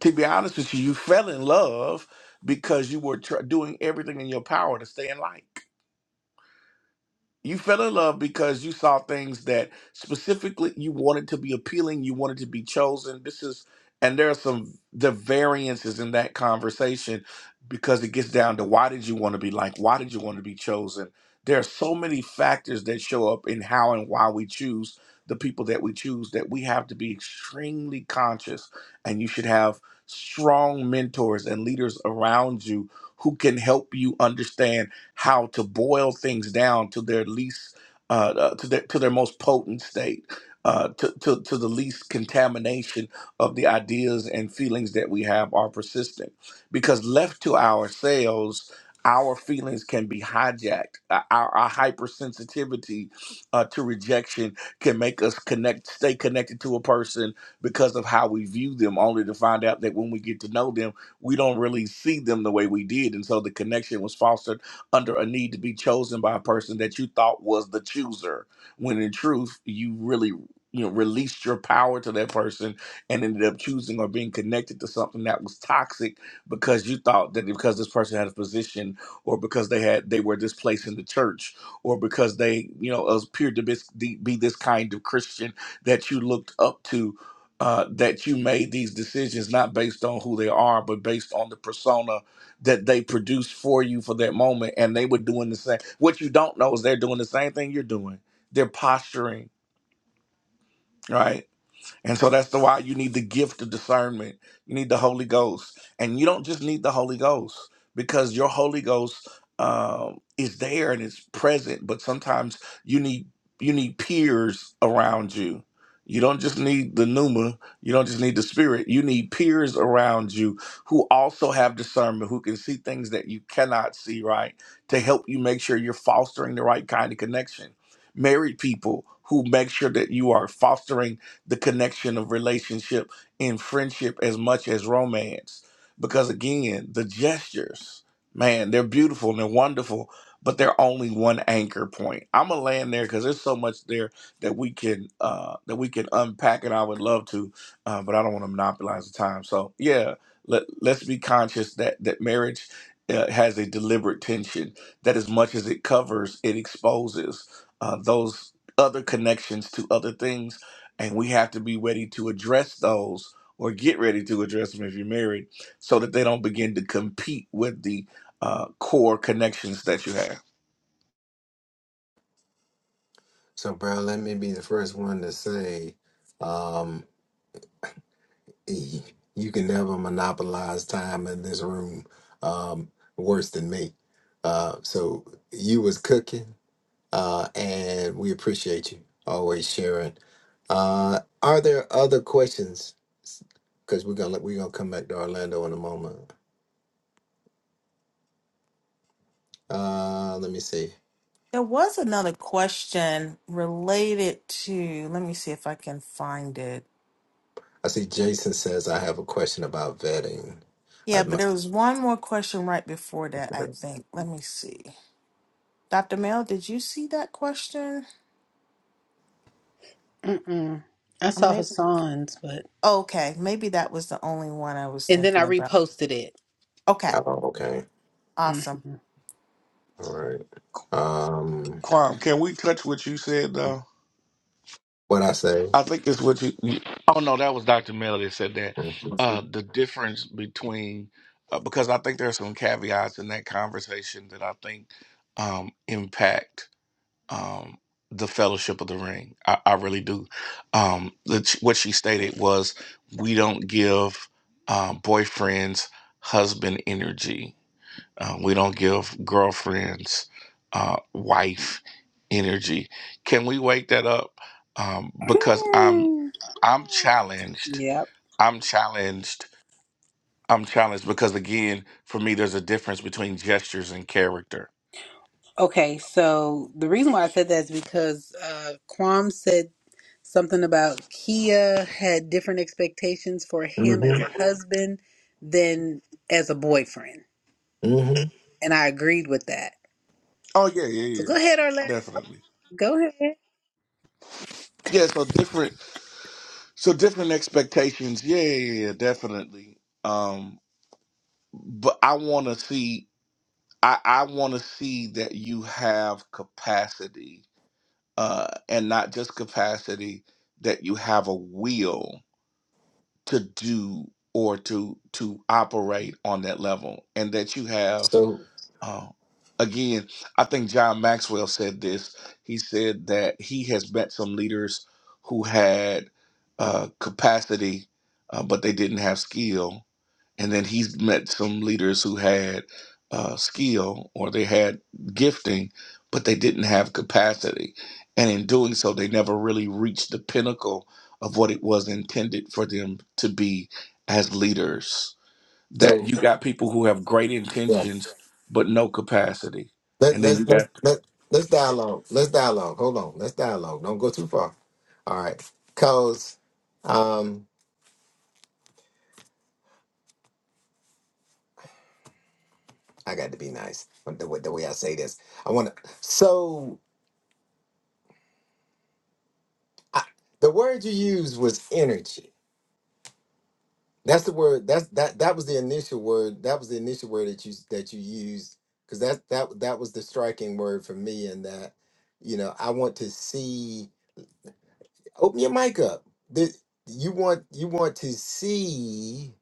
To be honest with you, you fell in love because you were tr- doing everything in your power to stay in light. You fell in love because you saw things that specifically you wanted to be appealing, you wanted to be chosen. This is, and there are some the variances in that conversation because it gets down to why did you want to be like, why did you want to be chosen? There are so many factors that show up in how and why we choose the people that we choose that we have to be extremely conscious, and you should have strong mentors and leaders around you who can help you understand how to boil things down to their least uh, uh, to their to their most potent state. Uh, to, to, to the least contamination of the ideas and feelings that we have are persistent because left to ourselves our feelings can be hijacked Uh, our, our hypersensitivity uh, to rejection can make us connect stay connected to a person because of how we view them only to find out that when we get to know them we don't really see them the way we did and so the connection was false under a need to be chosen by a person that you thought was the chooser, when in truth, you really you know released your power to that person and ended up choosing or being connected to something that was toxic because you thought that because this person had a position or because they had they were this place in the church or because they you know appeared to be, be this kind of christian that you looked up to uh, that you made these decisions not based on who they are, but based on the persona that they produce for you for that moment and they were doing the same what you don't know is they're doing the same thing you're doing they're posturing right and so that's the why you need the gift of discernment. You need the Holy Ghost. And you don't just need the Holy Ghost because your Holy Ghost um is there and it's present, but sometimes you need you need peers around you. You don't just need the pneuma, you don't just need the spirit. You need peers around you who also have discernment, who can see things that you cannot see, right? To help you make sure you're fostering the right kind of connection. Married people who make sure that you are fostering the connection of relationship in friendship as much as romance. Because again, the gestures, man, they're beautiful and they're wonderful, but they're only one anchor point. I'm gonna land there because there's so much there that we can uh, that we can unpack, and I would love to, uh, but I don't want to monopolize the time. So yeah, let let's be conscious that that marriage. Uh, has a deliberate tension that, as much as it covers, it exposes uh, those other connections to other things and we have to be ready to address those or get ready to address them if you're married so that they don't begin to compete with the uh, core connections that you have
So, bro, let me be the first one to say um, y- you can never monopolize time in this room um, worse than me. Uh, so you was cooking uh, and we appreciate you always sharing. Uh, are there other questions? Because we're gonna we're gonna come back to Orlando in a moment. Uh, let me see.
There was another question related to, let me see if I can find it.
I see Jason says I have a question about vetting. I
Yeah, but there
must.
was one more question right before that, I
Oh,
think. Let me see. Dr. Mel, did you see that question?
Mm-mm. I
Or
saw
Maybe.
Hassan's, but
Okay, maybe that was the only one I was
and then
thinking
I
about.
reposted it.
Okay,
okay.
awesome.
Mhm.
All right. Um,
Quam, can we touch what you said though
what I say?
i think it's what you you- oh no that was dr melody that said that
hmm
uh, the difference between uh, because i think there are some caveats in that conversation that i think um, impact um, the Fellowship of the Ring. I, I really do. Um, the, what she stated was, we don't give uh, boyfriends husband energy. Uh, we don't give girlfriends uh, wife energy. Can we wake that up? Um, because I'm
Hmm.
I'm challenged.
Yep.
I'm challenged. I'm challenged because again, for me, there's a difference between gestures and character.
Okay, so the reason why I said that is because uh, Quam said something about Kia had different expectations for him as a husband than as a boyfriend,
hmm
and I agreed with that.
Oh yeah, yeah,
So
yeah,
go ahead, Orlando.
definitely.
Go ahead.
Yeah, so different. So different expectations. Yeah, yeah, yeah, yeah, definitely. Um, but I want to see. I, I want to see that you have capacity, uh, and not just capacity. That you have a will to do or to to operate on that level, and that you have
So
Oh, again, I think John Maxwell said this. He said that he has met some leaders who had uh, capacity, uh, but they didn't have skill. And then he's met some leaders who had uh, skill or they had gifting, but they didn't have capacity. And in doing so, they never really reached the pinnacle of what it was intended for them to be as leaders that
so
you got people who have great
yeah.
intentions but no capacity,
Let,
and then you
let's let's
got
let, let's dialogue. Let's dialogue. Hold on. Let's dialogue. Don't go too far. All right. Cause um I got to be nice the, with the way I say this. I want to. So I, the word you used was energy. That's the word. That's that. That was the initial word. That was the initial word that you that you used. Cause that that that was the striking word for me. And that you know I want to see. Open your mic up. The, you want you want to see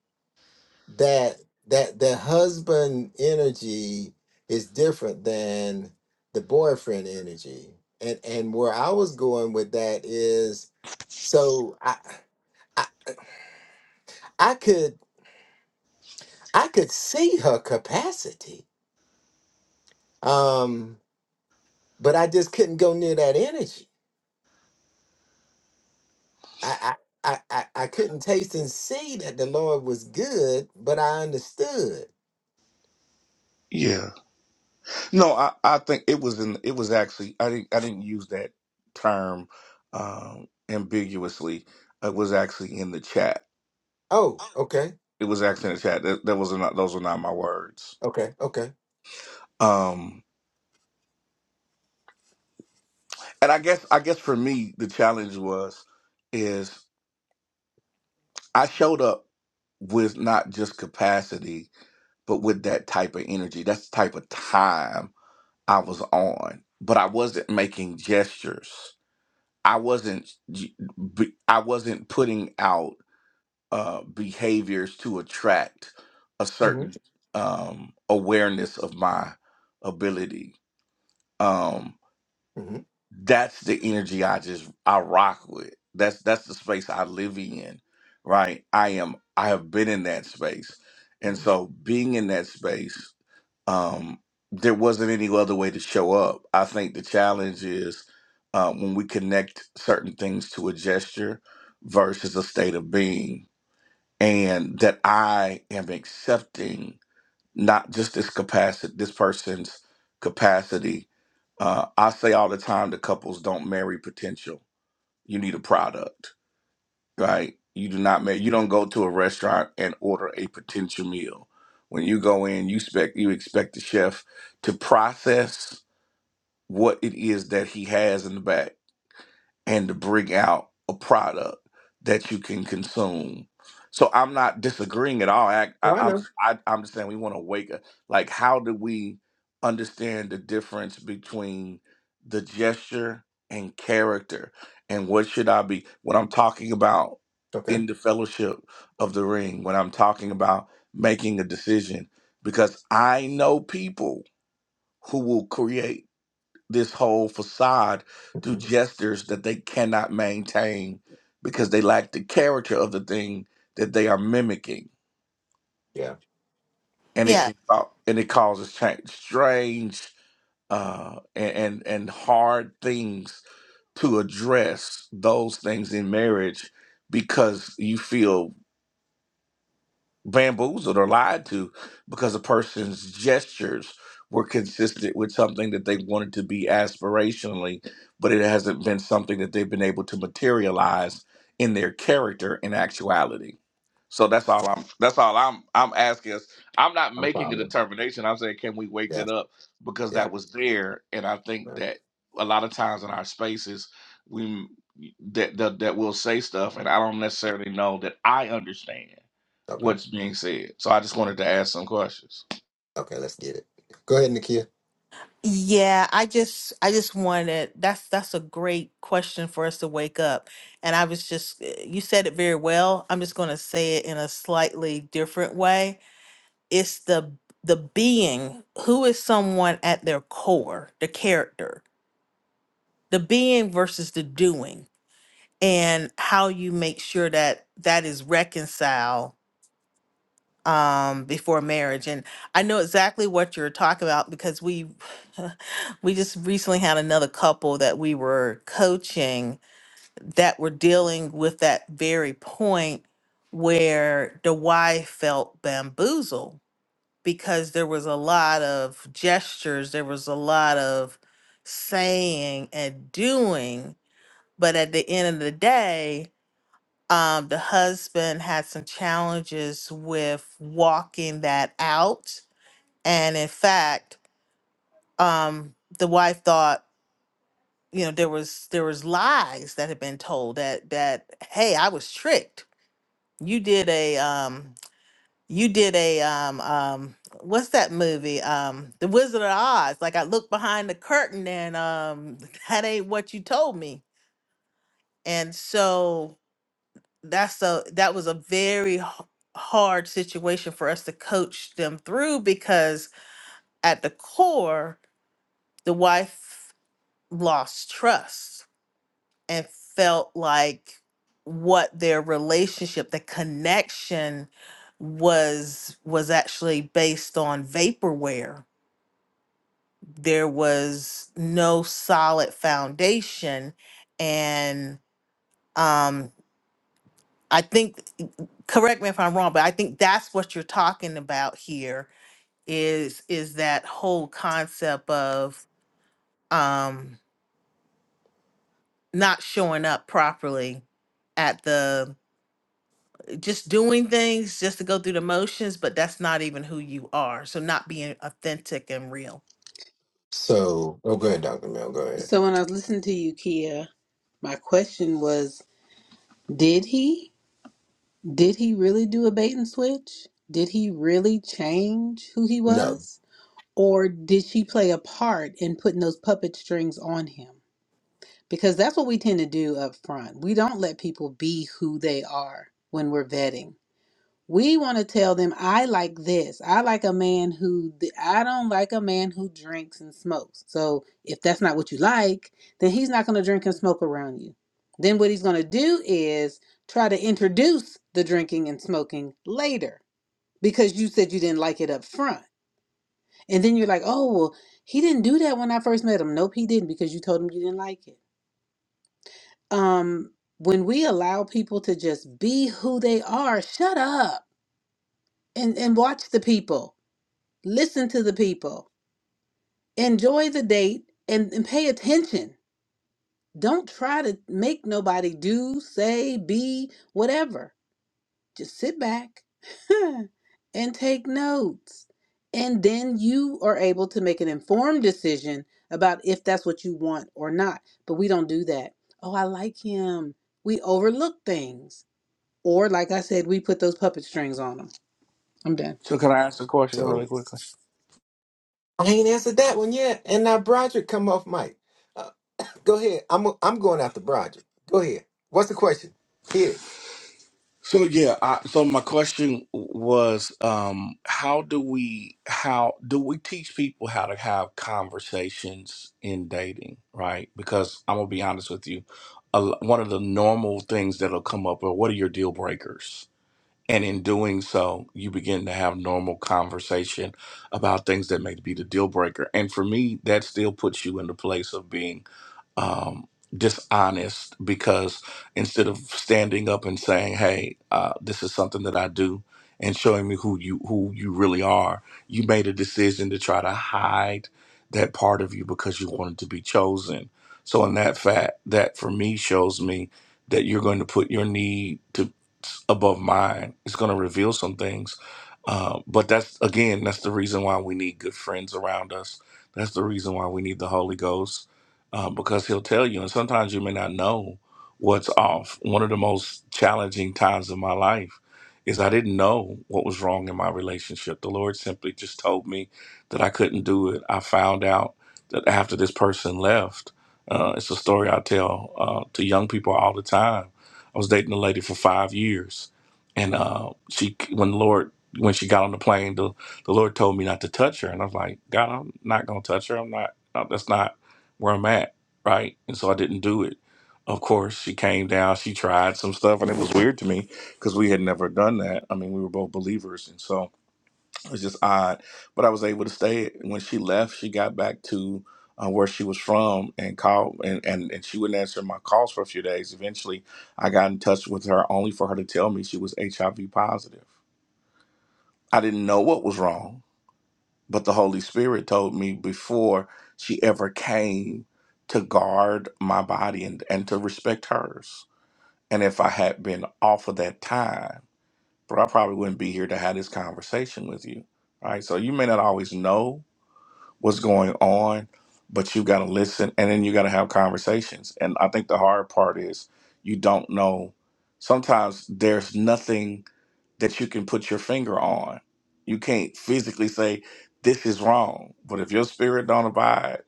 that that the husband energy is different than the boyfriend energy and and where i was going with that is so i i, I could i could see her capacity um but i just couldn't go near that energy i i I, I I couldn't taste and see that the Lord was good, but I understood.
yeah. No, I, I think it was in it was actually I didn't I didn't use that term um, ambiguously. It was actually in the chat.
Oh, okay,
It was actually in the chat. That, that was not those were not my words.
okay, okay.
Um, and I guess I guess for me the challenge was is I showed up with not just capacity but with that type of energy. That's the type of time I was on, but I wasn't making gestures. I wasn't g- b- I wasn't putting out uh, behaviors to attract a
Mm-hmm,
certain um, awareness of my ability. Um,
mm-hmm,
that's the energy I just I rock with. That's that's the space I live in, right? I am I have been in that space, and
hmm
so being in that space um, there wasn't any other way to show up. I think the challenge is uh, when we connect certain things to a gesture versus a state of being, and that I am accepting not just this capacity, this person's capacity. Uh, I say all the time to couples, don't marry potential. You need a product right? You do not make you don't go to a restaurant and order a potential meal. When you go in, you expect you expect the chef to process what it is that he has in the bag and to bring out a product that you can consume. So I'm not disagreeing at all. I,
Oh,
I,
I
I'm
know.
I, I'm just saying we want to wake up. Like, how do we understand the difference between the gesture and character? And what should I be when I'm talking about
Okay.
in the fellowship of the ring? When I'm talking about making a decision, because I know people who will create this whole facade through
Mhm.
gestures that they cannot maintain because they lack the character of the thing that they are mimicking, and it
Yeah,
Yeah.
can cau- and it causes change, strange uh, and, and and hard things to address those things in marriage because you feel bamboozled or lied to because a person's gestures were consistent with something that they wanted to be aspirationally, but it hasn't been something that they've been able to materialize in their character in actuality. So that's all I'm that's all I'm I'm asking us. I'm not
I'm
making a
following.
determination. I'm saying can we wake
Yeah,
that up because
yeah,
that was there and I think
yeah.
that a lot of times in our spaces we that that, that will say stuff and I don't necessarily know that I understand
Okay,
what's being said. So I just wanted to ask some questions.
okay, let's get it. Go ahead, Nakia.
Yeah, I just I just wanted that's that's a great question for us to wake up. And I was just eh, you said it very well. I'm just going to say it in a slightly different way. It's the the being who is someone at their core, the character the being versus the doing and how you make sure that that is reconciled um before marriage and i know exactly what you're talking about because we we just recently had another couple that we were coaching that were dealing with that very point where the wife felt bamboozled because there was a lot of gestures there was a lot of saying and doing but at the end of the day, um, the husband had some challenges with walking that out, and in fact, um, the wife thought, you know, there was there was lies that had been told that that hey, I was tricked. You did a um, you did a um, um, what's that movie? Um, The Wizard of Oz. Like I looked behind the curtain, and um, that ain't what you told me. And so that's a that was a very h- hard situation for us to coach them through because at the core the wife lost trust and felt like what their relationship the connection was was actually based on vaporware there was no solid foundation and um I think correct me if I'm wrong, but I think that's what you're talking about here is is that whole concept of um not showing up properly at the just doing things just to go through the motions, but that's not even who you are. So not being authentic and real.
So, oh, go ahead, Dr. Mel. Go ahead.
So when I was listening to you, Kia, my question was, did he? Did he really do a bait and switch? Did he really change who he
No.
was? Or did she play a part in putting those puppet strings on him? Because that's what we tend to do up front. We don't let people be who they are when we're vetting. We want to tell them, I like this. I like a man who, I don't like a man who drinks and smokes. So if that's not what you like, then he's not going to drink and smoke around you. Then what he's going to do is try to introduce the drinking and smoking later because you said you didn't like it up front. And then you're like, oh, well, he didn't do that when I first met him. Nope, he didn't because you told him you didn't like it. Um, when we allow people to just be who they are, shut up and, and watch the people Listen to the people. Enjoy the date and, and pay attention. Don't try to make nobody do, say, be, whatever. Just sit back and take notes. And then you are able to make an informed decision about if that's what you want or not. But we don't do that. Oh, I like him. We overlook things. Or, like I said, we put those puppet strings on them. I'm done.
So can I ask a question really
So,
quickly?
I ain't answered that one yet. And now Broderick come off mic. Uh, go ahead. I'm I'm going after Broderick. Go ahead. What's the question? Hit it.
So yeah, I, so my question was, um, how do we how do we teach people how to have conversations in dating, right? Because I'm gonna be honest with you, a, l- one of the normal things that'll come up are what are your deal breakers, and in doing so, you begin to have normal conversation about things that may be the deal breaker, and for me, that still puts you in the place of being. um, dishonest because instead of standing up and saying, "Hey, uh, this is something that I do," and showing me who you who you really are, you made a decision to try to hide that part of you because you wanted to be chosen. So, in that fact, that for me shows me that you're going to put your need to above mine. It's going to reveal some things. Uh, but that's again, that's the reason why we need good friends around us. That's the reason why we need the Holy Ghost uh, because he'll tell you. And sometimes you may not know what's off. One of the most challenging times of my life is I didn't know what was wrong in my relationship. The Lord simply just told me that I couldn't do it. I found out that after this person left, uh, it's a story I tell uh, to young people all the time. I was dating a lady for five years, and uh, she, when the Lord, when she got on the plane, the, the Lord told me not to touch her, and I was like, God, I'm not gonna touch her. I'm not. no, That's not where I'm at, right? And so I didn't do it. Of course, she came down, she tried some stuff, and it was weird to me because we had never done that. I mean, we were both believers, and so it was just odd. But I was able to stay. When she left, she got back to uh, where she was from and called, and, and, and she wouldn't answer my calls for a few days. Eventually, I got in touch with her only for her to tell me she was HIV positive. I didn't know what was wrong but the Holy Spirit told me before she ever came to guard my body and, and to respect hers. And if I had been off of that time, bro, I probably wouldn't be here to have this conversation with you. All Right. So you may not always know what's going on, but you got to listen and then you got to have conversations. And I think the hard part is you don't know. Sometimes there's nothing that you can put your finger on. You can't physically say this is wrong, but if your spirit don't abide,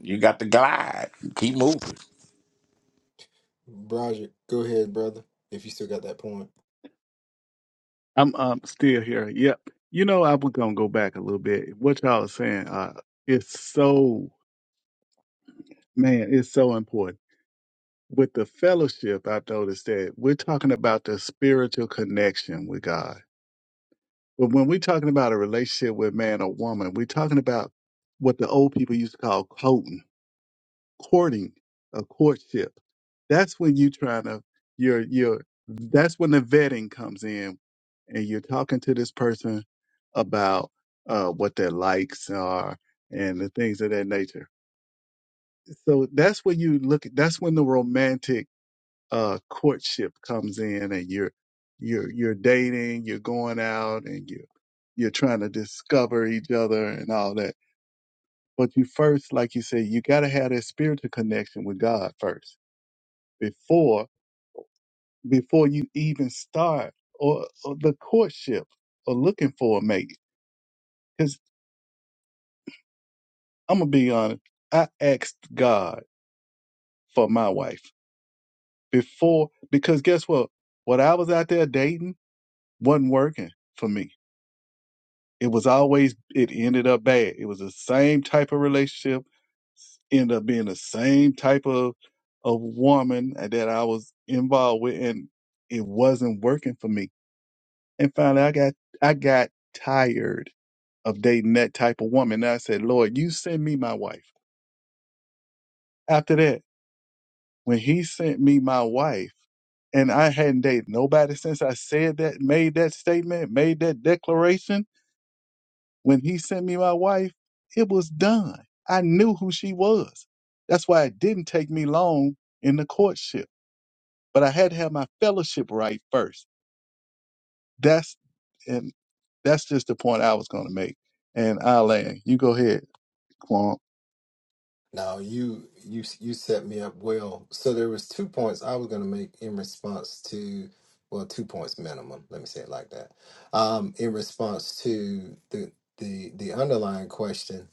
you got to glide. Keep moving.
Broderick, go ahead, brother. If you still got that point.
I'm um still here. Yep. You know, I'm gonna go back a little bit. What y'all are saying, uh, it's so man, it's so important. With the fellowship, I've noticed that we're talking about the spiritual connection with God. But when we're talking about a relationship with man or woman, we're talking about what the old people used to call coating. courting a courtship that's when you trying to you're you're that's when the vetting comes in and you're talking to this person about uh what their likes are and the things of that nature so that's when you look at that's when the romantic uh courtship comes in and you're you're you're dating you're going out and you you're trying to discover each other and all that but you first like you said you got to have that spiritual connection with god first before before you even start or, or the courtship or looking for a mate. Because I'm gonna be honest, I asked God for my wife before because guess what? What I was out there dating wasn't working for me. It was always it ended up bad. It was the same type of relationship, ended up being the same type of of woman that I was involved with, and it wasn't working for me. And finally, I got I got tired of dating that type of woman. And I said, Lord, you send me my wife. After that, when he sent me my wife, and I hadn't dated nobody since I said that, made that statement, made that declaration, when he sent me my wife, it was done. I knew who she was. That's why it didn't take me long in the courtship. But I had to have my fellowship right first. That's and that's just the point I was gonna make. And I'll land. You go ahead, Quan.
Now you you you set me up well. So there was two points I was going to make in response to well, two points minimum. Let me say it like that. Um, in response to the the the underlying question,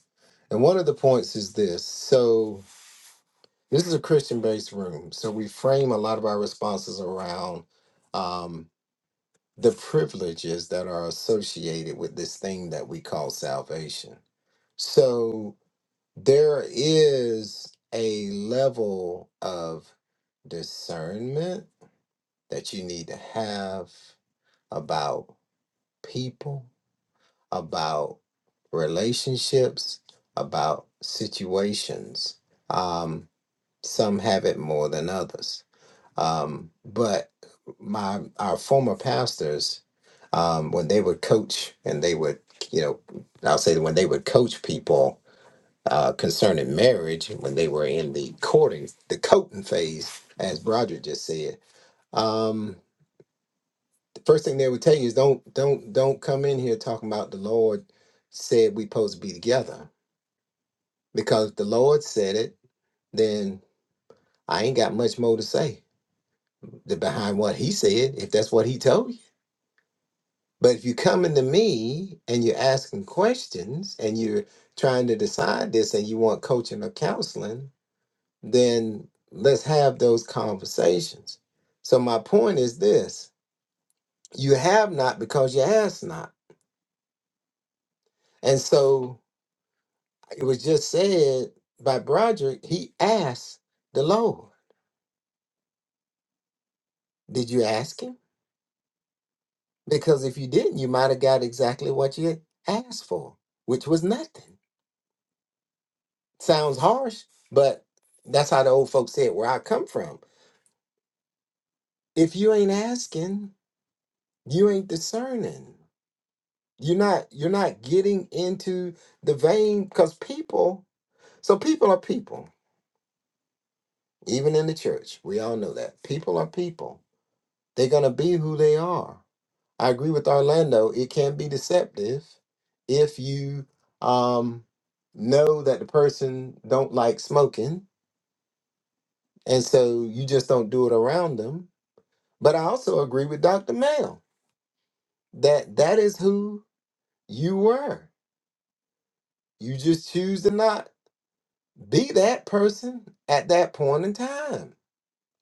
and one of the points is this. So this is a Christian based room, so we frame a lot of our responses around um, the privileges that are associated with this thing that we call salvation. So there is a level of discernment that you need to have about people, about relationships, about situations. Um, some have it more than others. Um, but my our former pastors, um, when they would coach and they would, you know, I'll say that when they would coach people, uh, concerning marriage when they were in the courting, the courting phase, as Broderick just said. Um, the first thing they would tell you is don't don't don't come in here talking about the Lord said we supposed to be together because if the Lord said it, then I ain't got much more to say the- behind what He said if that's what He told you. But if you come into me and you're asking questions and you're trying to decide this and you want coaching or counseling, then let's have those conversations. So my point is this you have not because you ask not. And so it was just said by Broderick, he asked the Lord, Did you ask him? Because if you didn't, you might have got exactly what you asked for, which was nothing. Sounds harsh, but that's how the old folks said where I come from. If you ain't asking, you ain't discerning. You're not you're not getting into the vein because people so people are people, even in the church. We all know that. People are people. They're gonna be who they are. I agree with Orlando, it can be deceptive if you um know that the person don't like smoking and so you just don't do it around them. But I also agree with Dr. Mel that that is who you were. You just choose to not. be that person at that point in time.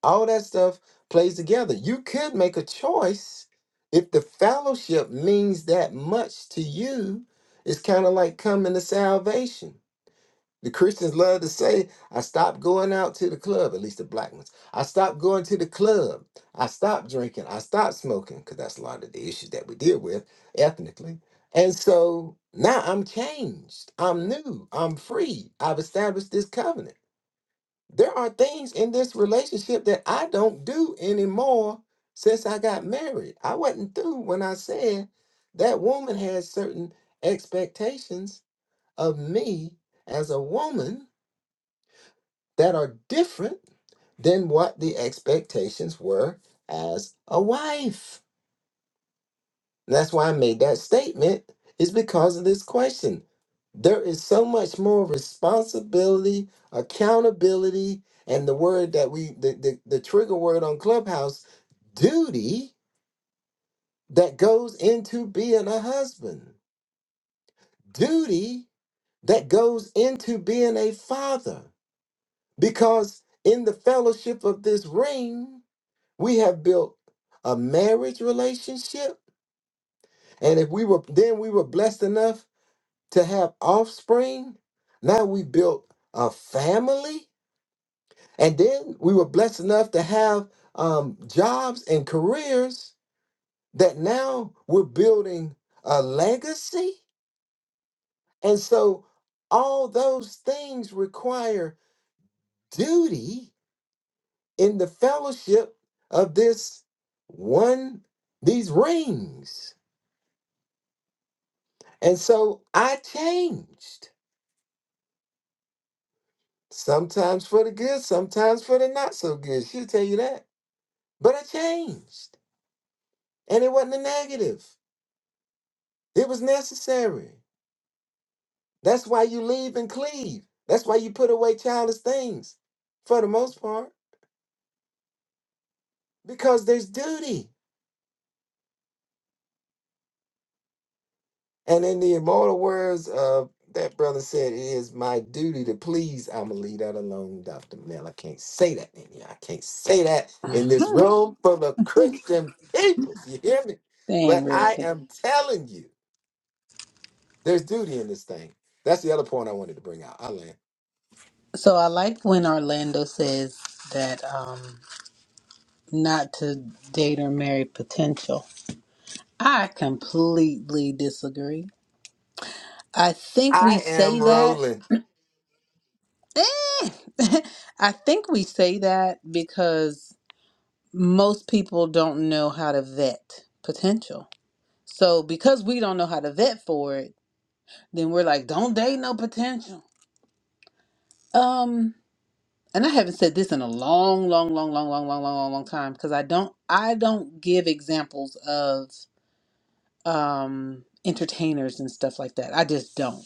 All that stuff plays together. You could make a choice if the fellowship means that much to you. It's kind of like coming to salvation. The Christians love to say, I stopped going out to the club, at least the black ones. I stopped going to the club. I stopped drinking. I stopped smoking, because that's a lot of the issues that we deal with ethnically. And so now I'm changed. I'm new. I'm free. I've established this covenant. There are things in this relationship that I don't do anymore since I got married. I wasn't through when I said that woman has certain expectations of me as a woman that are different than what the expectations were as a wife. That's why I made that statement, is because of this question. There is so much more responsibility, accountability, and the word that we, the, the, the trigger word on Clubhouse, duty, that goes into being a husband, duty that goes into being a father. Because in the fellowship of this ring, we have built a marriage relationship. And if we were, then we were blessed enough to have offspring. Now we built a family, and then we were blessed enough to have um, jobs and careers that now we're building a legacy. And so all those things require duty in the fellowship of this one, these rings. And so I changed, sometimes for the good, sometimes for the not so good. She'll tell you that But I changed. And it wasn't a negative. It was necessary. That's why you leave and cleave. That's why you put away childish things for the most part, because there's duty. And in the immortal words of that brother said, it is my duty to please. I'm going to leave that alone, Dr. Mel. I can't say that in here. I can't say that in this room full of Christian people. You hear me?
they
But
ain't
I
ready.
am telling you, there's duty in this thing. That's the other point I wanted to bring out.
So I like when Orlando says that um, not to date or marry potential. I completely disagree. I think we
I am
say that.
rolling.
Eh, I think we say that because most people don't know how to vet potential. So because we don't know how to vet for it, then we're like, don't date no potential. Um, and I haven't said this in a long, long, long, long, long, long, long, long, long time because I don't, I don't give examples of um, entertainers and stuff like that. I just don't.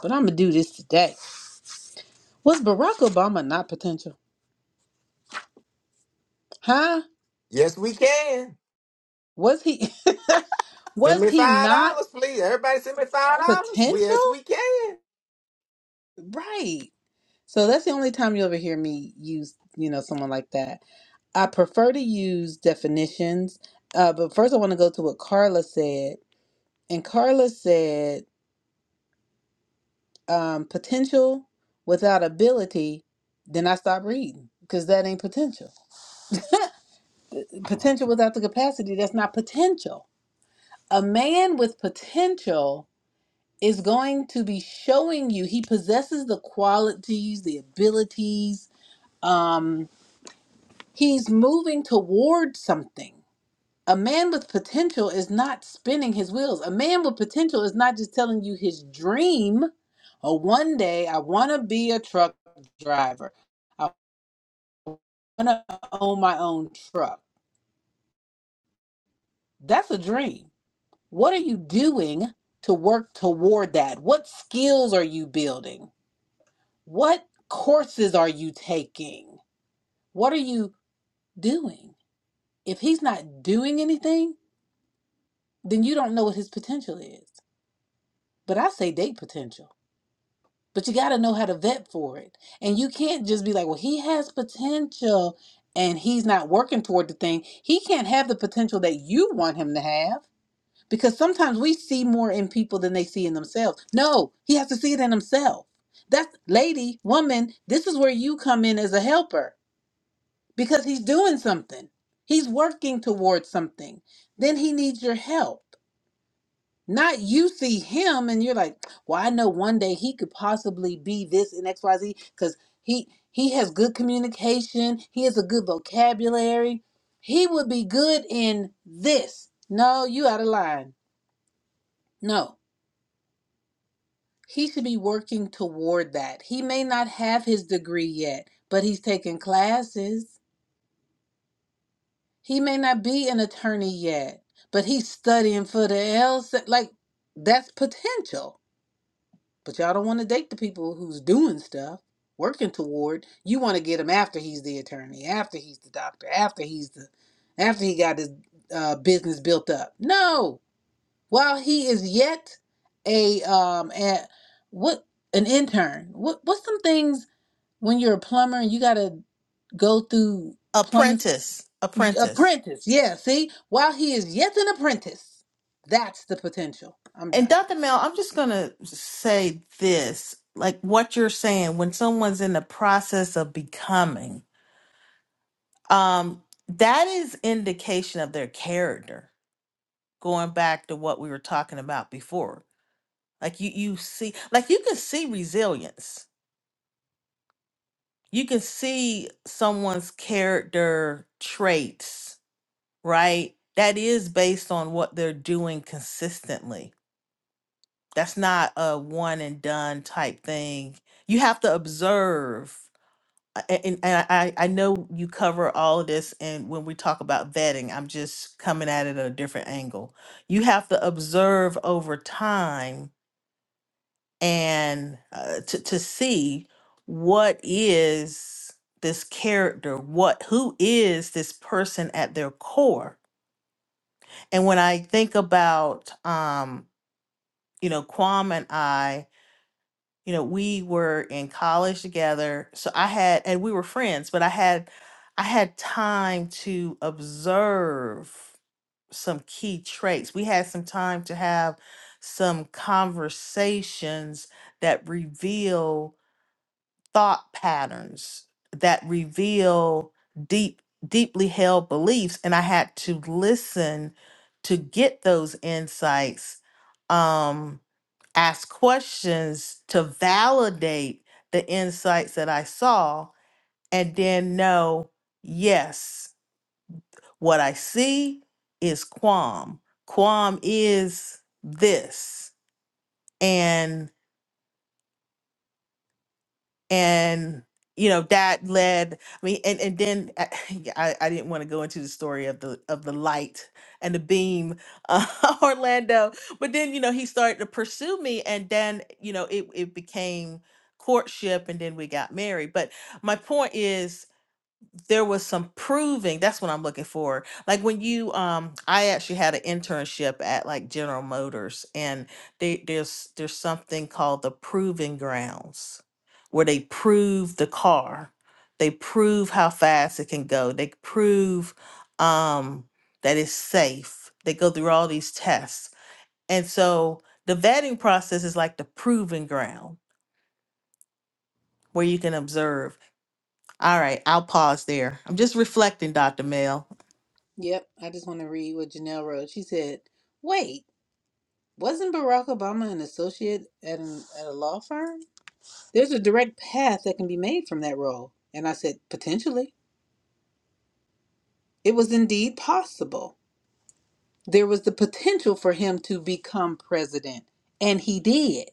But I'm gonna do this today. Was Barack Obama not potential? Huh?
Yes, we can.
Was he?
Send
was
me
he
five
not
dollars, please. Everybody, send me five dollars.
potential?
Yes, we can.
Right. So that's the only time you ever hear me use, you know, someone like that. I prefer to use definitions, uh, but first I want to go to what Carla said. And Carla said um, potential without ability, then I stop reading because that ain't potential. Potential without the capacity, that's not potential. A man with potential is going to be showing you he possesses the qualities, the abilities. Um, he's moving toward something. A man with potential is not spinning his wheels. A man with potential is not just telling you his dream. Oh, one day I want to be a truck driver. gonna own my own truck. That's a dream. What are you doing to work toward that? What skills are you building? What courses are you taking? What are you doing? If he's not doing anything, then you don't know what his potential is. But I say date potential. But you got to know how to vet for it. And you can't just be like, well, he has potential and he's not working toward the thing. He can't have the potential that you want him to have because sometimes we see more in people than they see in themselves. No, he has to see it in himself. That's lady, woman, this is where you come in as a helper because he's doing something. He's working towards something. Then he needs your help. Not you see him and you're like, "Well, I know one day he could possibly be this in XYZ cuz he he has good communication, he has a good vocabulary. He would be good in this." No, you out of line. No. he should be working toward that. He may not have his degree yet, but he's taking classes. He may not be an attorney yet, but he's studying for the LSAT. Like that's potential. But y'all don't want to date the people who's doing stuff, working toward. You want to get him after he's the attorney, after he's the doctor, after he's the, after he got his uh, business built up. No, while he is yet a um, a, what an intern. What what's some things? when you're a plumber you got to go through plumbing
Apprentice, apprentice.
apprentice yeah see while he is yet an apprentice that's the potential i'm
And
done
Dr. Mel, I'm just gonna say this, like what you're saying, when someone's in the process of becoming um that is indication of their character going back to what we were talking about before like you you see like you can see resilience you can see someone's character traits right that is based on what they're doing consistently that's not a one and done type thing you have to observe I- a- and, and I, I know you cover all of this and when we talk about vetting i'm just coming at it at a different angle you have to observe over time and uh, to, to see what is this character what who is this person at their core and when i think about um you know kwam and i you know, we were in college together. So I had, and we were friends, but I had, I had time to observe some key traits. We had some time to have some conversations that reveal thought patterns, that reveal deep, deeply held beliefs. And I had to listen to get those insights. Um, ask questions to validate the insights that I saw and then know, yes, what I see is qualm. Qualm is this. and. and you know that led i mean and, and then I, I I didn't want to go into the story of the of the light and the beam uh, orlando but then you know he started to pursue me and then you know it, it became courtship and then we got married but my point is there was some proving that's what i'm looking for like when you um i actually had an internship at like general motors and they there's there's something called the proving grounds where they prove the car they prove how fast it can go they prove um that it's safe they go through all these tests and so the vetting process is like the proving ground where you can observe all right i'll pause there i'm just reflecting dr mel
yep i just want to read what janelle wrote she said wait wasn't barack obama an associate at, an, at a law firm there's a direct path that can be made from that role and i said potentially it was indeed possible there was the potential for him to become president and he did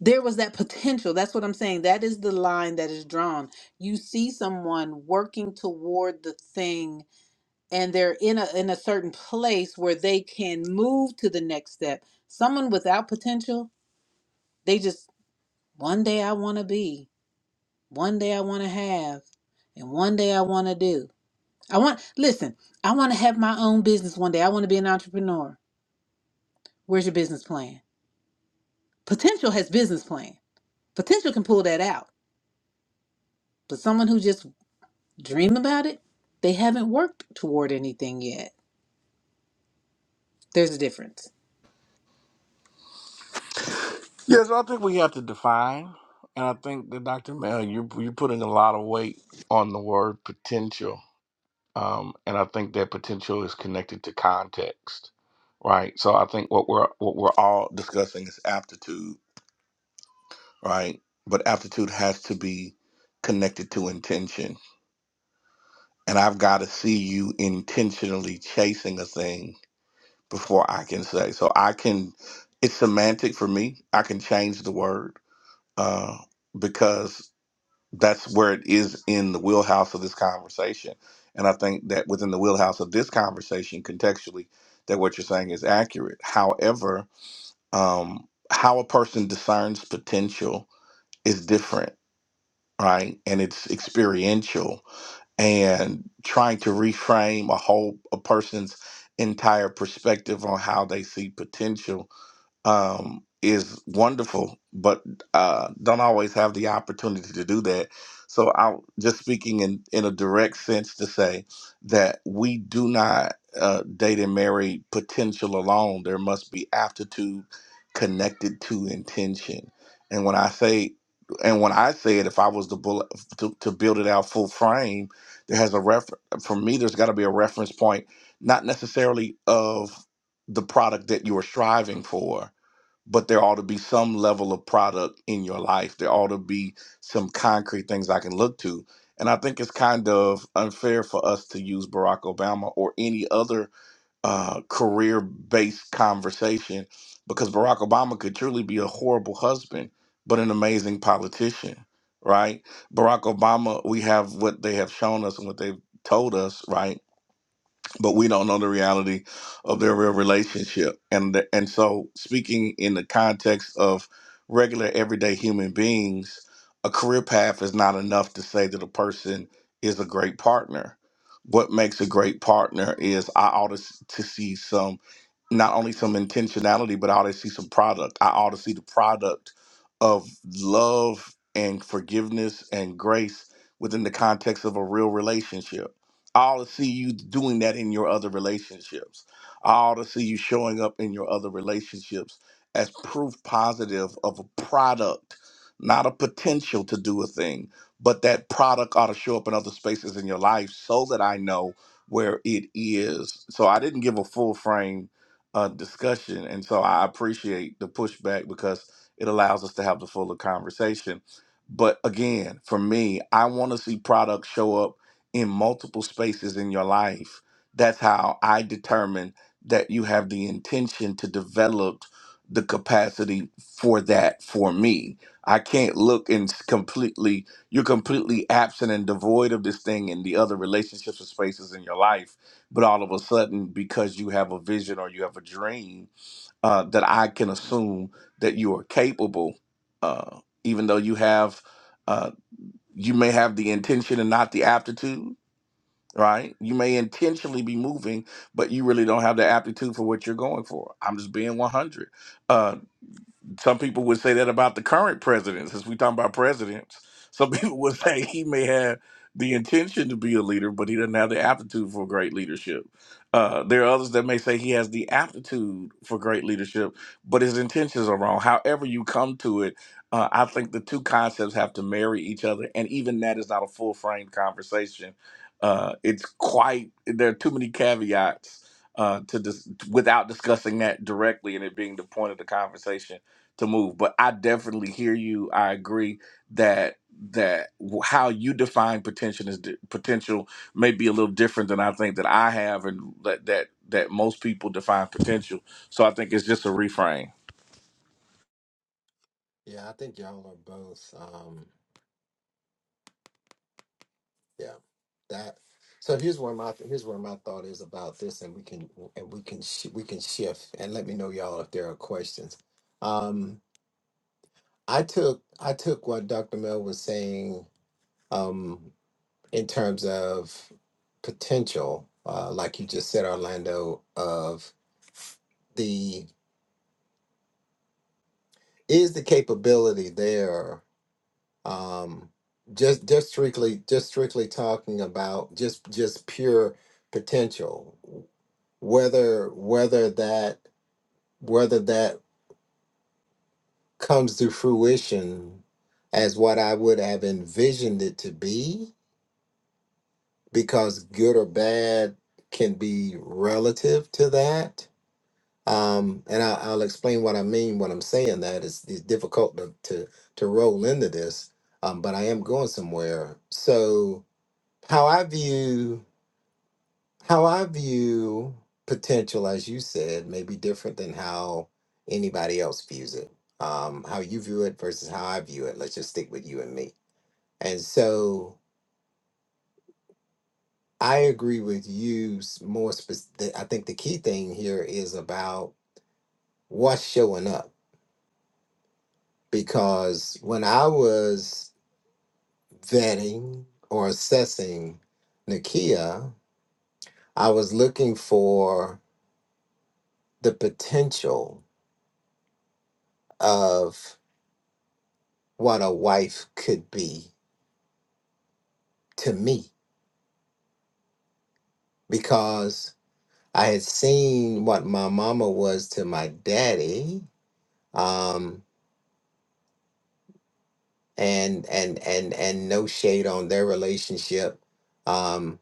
there was that potential. That's what I'm saying. That is the line that is drawn. You see someone working toward the thing and they're in a in a certain place where they can move to the next step. Someone without potential, they just one day I want to be, one day I want to have, and one day I want to do. I want listen, I want to have my own business one day. I want to be an entrepreneur. Where's your business plan? Potential has business plan. Potential can pull that out. But someone who just dream about it. They haven't worked toward anything yet. There's a difference.
Yes, I think we have to define, and I think that Dr. Mel, you you are putting a lot of weight on the word potential um, and I think that potential is connected to context, right? So I think what we're what we're all discussing is aptitude, right? But aptitude has to be connected to intention, and I've got to see you intentionally chasing a thing before I can say. So I can, it's semantic for me. I can change the word uh, because that's where it is in the wheelhouse of this conversation. And I think that within the wheelhouse of this conversation, contextually, that what you're saying is accurate. However, um, how a person discerns potential is different, right? And it's experiential. And trying to reframe a whole a person's entire perspective on how they see potential um, is wonderful, but uh, don't always have the opportunity to do that. So I'm just speaking in, in a direct sense to say that we do not uh, date and marry potential alone. There must be aptitude connected to intention. And when I say, and when I say it, if I was to, bullet, to, to build it out full frame, there has a reference, for me, there's got to be a reference point, not necessarily of the product that you are striving for, but there ought to be some level of product in your life. There ought to be some concrete things I can look to. And I think it's kind of unfair for us to use Barack Obama or any other uh, career based conversation because Barack Obama could truly be a horrible husband, but an amazing politician, right? Barack Obama, we have what they have shown us and what they've told us, right? but we don't know the reality of their real relationship and the, and so speaking in the context of regular everyday human beings a career path is not enough to say that a person is a great partner what makes a great partner is i ought to, s- to see some not only some intentionality, but I ought to see some product. I ought to see the product of love and forgiveness and grace within the context of a real relationship. I ought to see you doing that in your other relationships. I ought to see you showing up in your other relationships as proof positive of a product, not a potential to do a thing, but that product ought to show up in other spaces in your life so that I know where it is. So I didn't give a full frame uh, discussion. And so I appreciate the pushback because it allows us to have the fuller conversation. But again, for me, I want to see products show up in multiple spaces in your life. That's how I determine that you have the intention to develop the capacity for that for me. I can't look and s- completely, you're completely absent and devoid of this thing in the other relationships or spaces in your life but all of a sudden because you have a vision or you have a dream uh, that i can assume that you are capable uh, even though you have uh, you may have the intention and not the aptitude right you may intentionally be moving but you really don't have the aptitude for what you're going for i'm just being 100 some people would say that about the current president, since we're talking about presidents. Some people would say he may have the intention to be a leader, but he doesn't have the aptitude for great leadership. Uh, there are others that may say he has the aptitude for great leadership, but his intentions are wrong. However, you come to it, uh, I think the two concepts have to marry each other, and even that is not a full frame conversation. Uh, it's quite there are too many caveats uh, to dis- without discussing that directly and it being the point of the conversation to move but i definitely hear you i agree that that w- how you define potential is di- potential may be a little different than i think that i have and that that that most people define potential so i think it's just a reframe
Yeah, I think y'all are both. Um, yeah, that. So here's where my here's where my thought is about this, and we can and we can sh- we can shift and let me know y'all if there are questions. Um, I took I took what Dr. Mel was saying um, in terms of potential, uh, like you just said, Orlando, of the. is the capability there um just just strictly just strictly talking about just just pure potential whether whether that whether that comes to fruition as what I would have envisioned it to be because good or bad can be relative to that Um, and I, I'll explain what I mean when I'm saying that. It's, it's difficult to, to to roll into this, um, but I am going somewhere. So how I view how I view potential, as you said, may be different than how anybody else views it. Um, how you view it versus how I view it. Let's just stick with you and me. And so I agree with you s- more. Spec- I think the key thing here is about what's showing up because when I was vetting or assessing Nakia, I was looking for the potential of what a wife could be to me because I had seen what my mama was to my daddy. Um, and and and and no shade on their relationship. Um,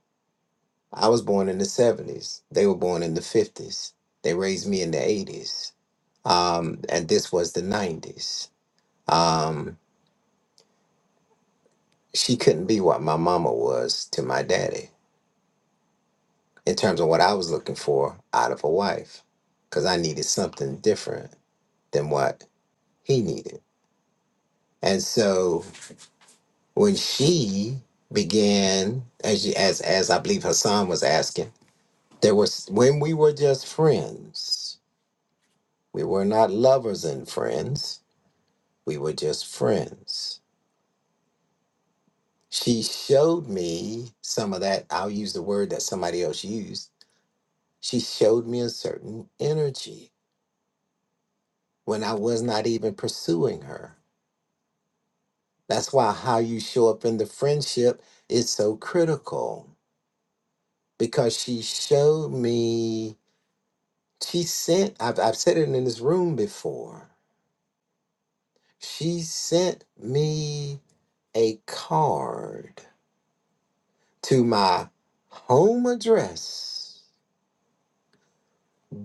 I was born in the 70s. They were born in the 50s. They raised me in the 80s um, and this was the 90s. Um, she couldn't be what my mama was to my daddy in terms of what I was looking for out of a wife because I needed something different than what he needed. And so when she began, as, you, as, as I believe Hassan was asking, there was when we were just friends, we were not lovers and friends, we were just friends She showed me some of that. I'll use the word that somebody else used. She showed me a certain energy when I was not even pursuing her. That's why how you show up in the friendship is so critical because she showed me, she sent, I've, I've said it in this room before, she sent me a card to my home address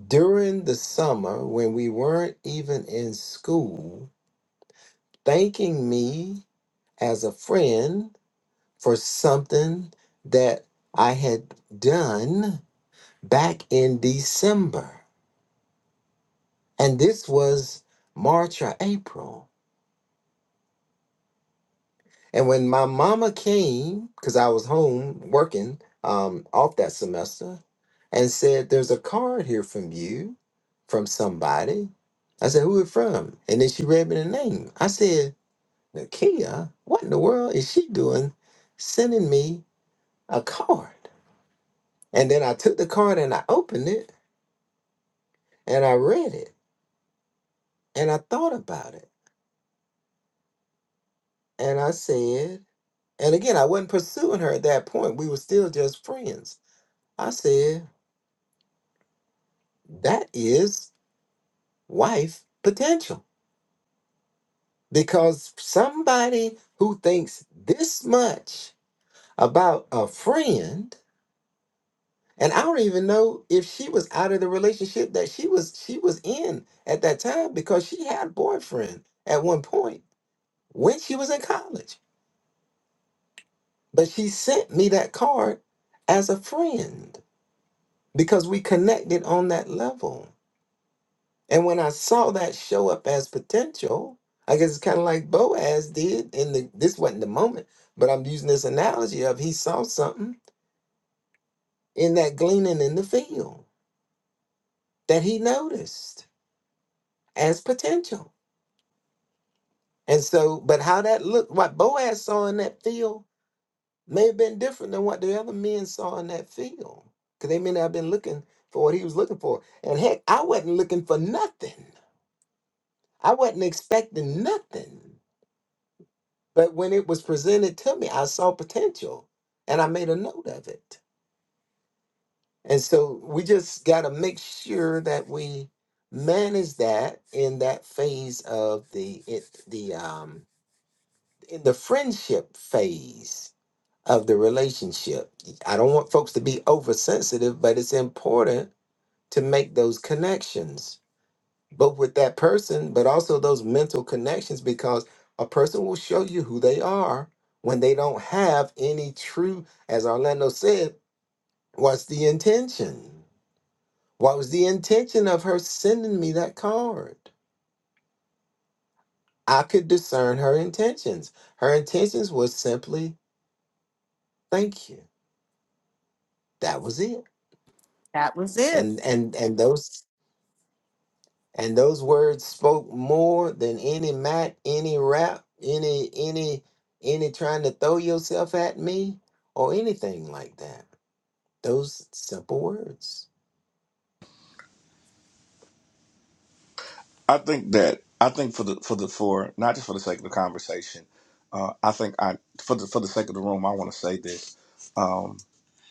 during the summer when we weren't even in school, thanking me as a friend for something that I had done back in December. And this was March or April. And when my mama came, because I was home working um, off that semester, and said, There's a card here from you, from somebody. I said, Who it from? And then she read me the name. I said, Nakia, what in the world is she doing sending me a card? And then I took the card and I opened it and I read it and I thought about it and I said, and again, I wasn't pursuing her at that point. We were still just friends. I said, that is wife potential because somebody who thinks this much about a friend And I don't even know if she was out of the relationship that she was she was in at that time because she had a boyfriend at one point when she was in college. But she sent me that card as a friend because we connected on that level. And when I saw that show up as potential, I guess it's kind of like Boaz did in the this wasn't the moment, but I'm using this analogy of he saw something in that gleaning in the field that he noticed as potential. And so, but how that looked, what Boaz saw in that field may have been different than what the other men saw in that field. Because they may not have been looking for what he was looking for. And heck, I wasn't looking for nothing. I wasn't expecting nothing. But when it was presented to me, I saw potential and I made a note of it. And so we just got to make sure that we manage that in that phase of the it the um in the friendship phase of the relationship. I don't want folks to be oversensitive, but it's important to make those connections, both with that person, but also those mental connections, because a person will show you who they are when they don't have any true, as Orlando said, what's the intention? What was the intention of her sending me that card? I could discern her intentions. Her intentions was simply thank you. That was it.
That was it.
And and and those And those words spoke more than any mat, any rap, any any any trying to throw yourself at me or anything like that. Those simple words.
I think that I think for the for the for not just for the sake of the conversation, uh, I think I for the for the sake of the room, I want to say this.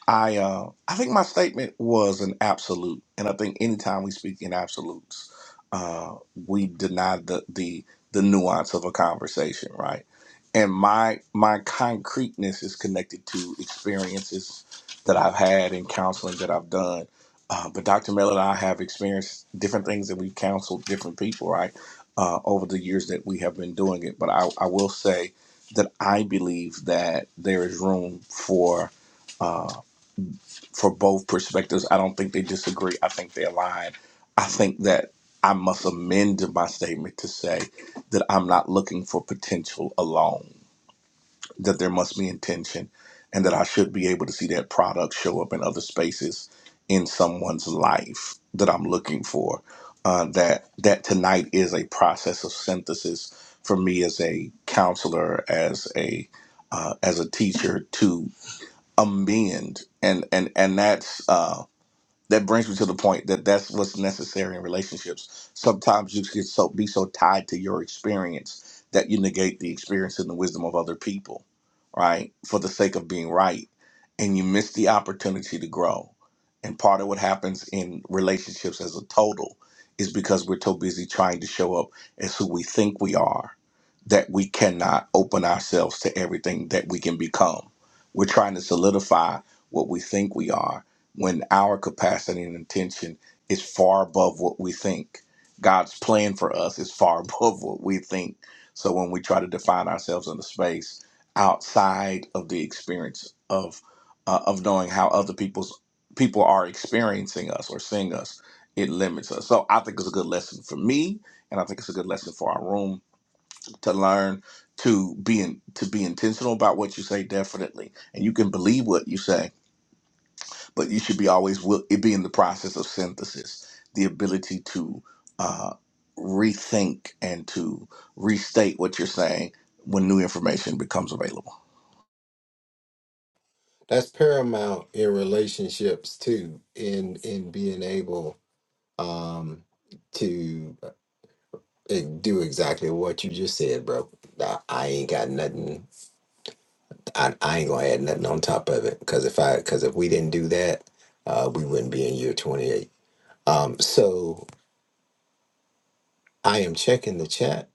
I uh, I think my statement was an absolute, and I think anytime we speak in absolutes, uh, we deny the the the nuance of a conversation, right? And my my concreteness is connected to experiences that I've had in counseling that I've done. Uh, but Dr. Miller and I have experienced different things that we've counseled different people, right, uh, over the years that we have been doing it. But I, I will say that I believe that there is room for. uh, for both perspectives. I don't think they disagree. I think they align. I think that I must amend my statement to say that I'm not looking for potential alone, that there must be intention, and that I should be able to see that product show up in other spaces in someone's life that I'm looking for. Uh, that that tonight is a process of synthesis for me as a counselor, as a uh, as a teacher to amend and and and that's Um, that brings me to the point that that's what's necessary in relationships. Sometimes you get so be so tied to your experience that you negate the experience and the wisdom of other people, right? For the sake of being right, and you miss the opportunity to grow. And part of what happens in relationships as a total is because we're so busy trying to show up as who we think we are that we cannot open ourselves to everything that we can become. We're trying to solidify what we think we are when our capacity and intention is far above what we think. God's plan for us is far above what we think. So when we try to define ourselves in the space outside of the experience of uh, of knowing how other people's people are experiencing us or seeing us, it limits us. So I think it's a good lesson for me, and I think it's a good lesson for our room to learn to be in, to be intentional about what you say, definitely, and you can believe what you say but you should be always will it be in the process of synthesis the ability to uh, rethink and to restate what you're saying when new information becomes available
That's paramount in relationships too, in in being able um to uh, do exactly what you just said, bro. I, I ain't got nothing. I, I ain't gonna add nothing on top of it because if I because if we didn't do that, uh, we wouldn't be in year twenty eight. Um, so I am checking the chat.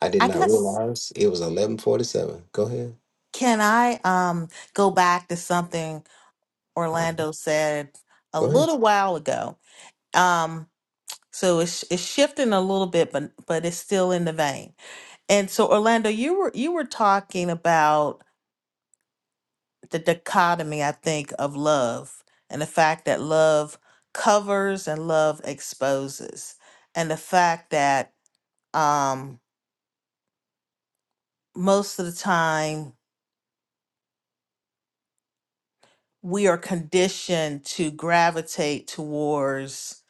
I did
I
not
guess
realize it was eleven forty seven. Go ahead.
can I um go back to something
Um,
Orlando said a
go ahead.
little while ago. Um so it's it's shifting a little bit but but it's still in the vein. And so Orlando you were you were talking about the dichotomy I think of love and the fact that love covers and love exposes and the fact that um most of the time we are conditioned to gravitate towards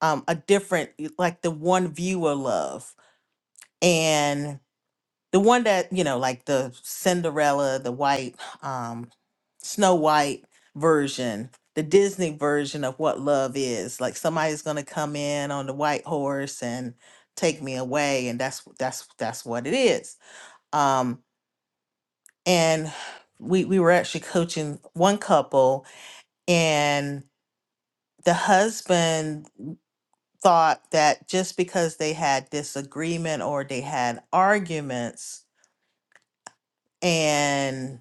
um, a different, like the one view of love, and the one that you know, like the Cinderella, the white um, Snow White version, the Disney version of what love is. Like somebody's going to come in on the white horse and take me away, and that's that's that's what it is. Um, and we we were actually coaching one couple, the husband thought that just because they had disagreement or they had arguments and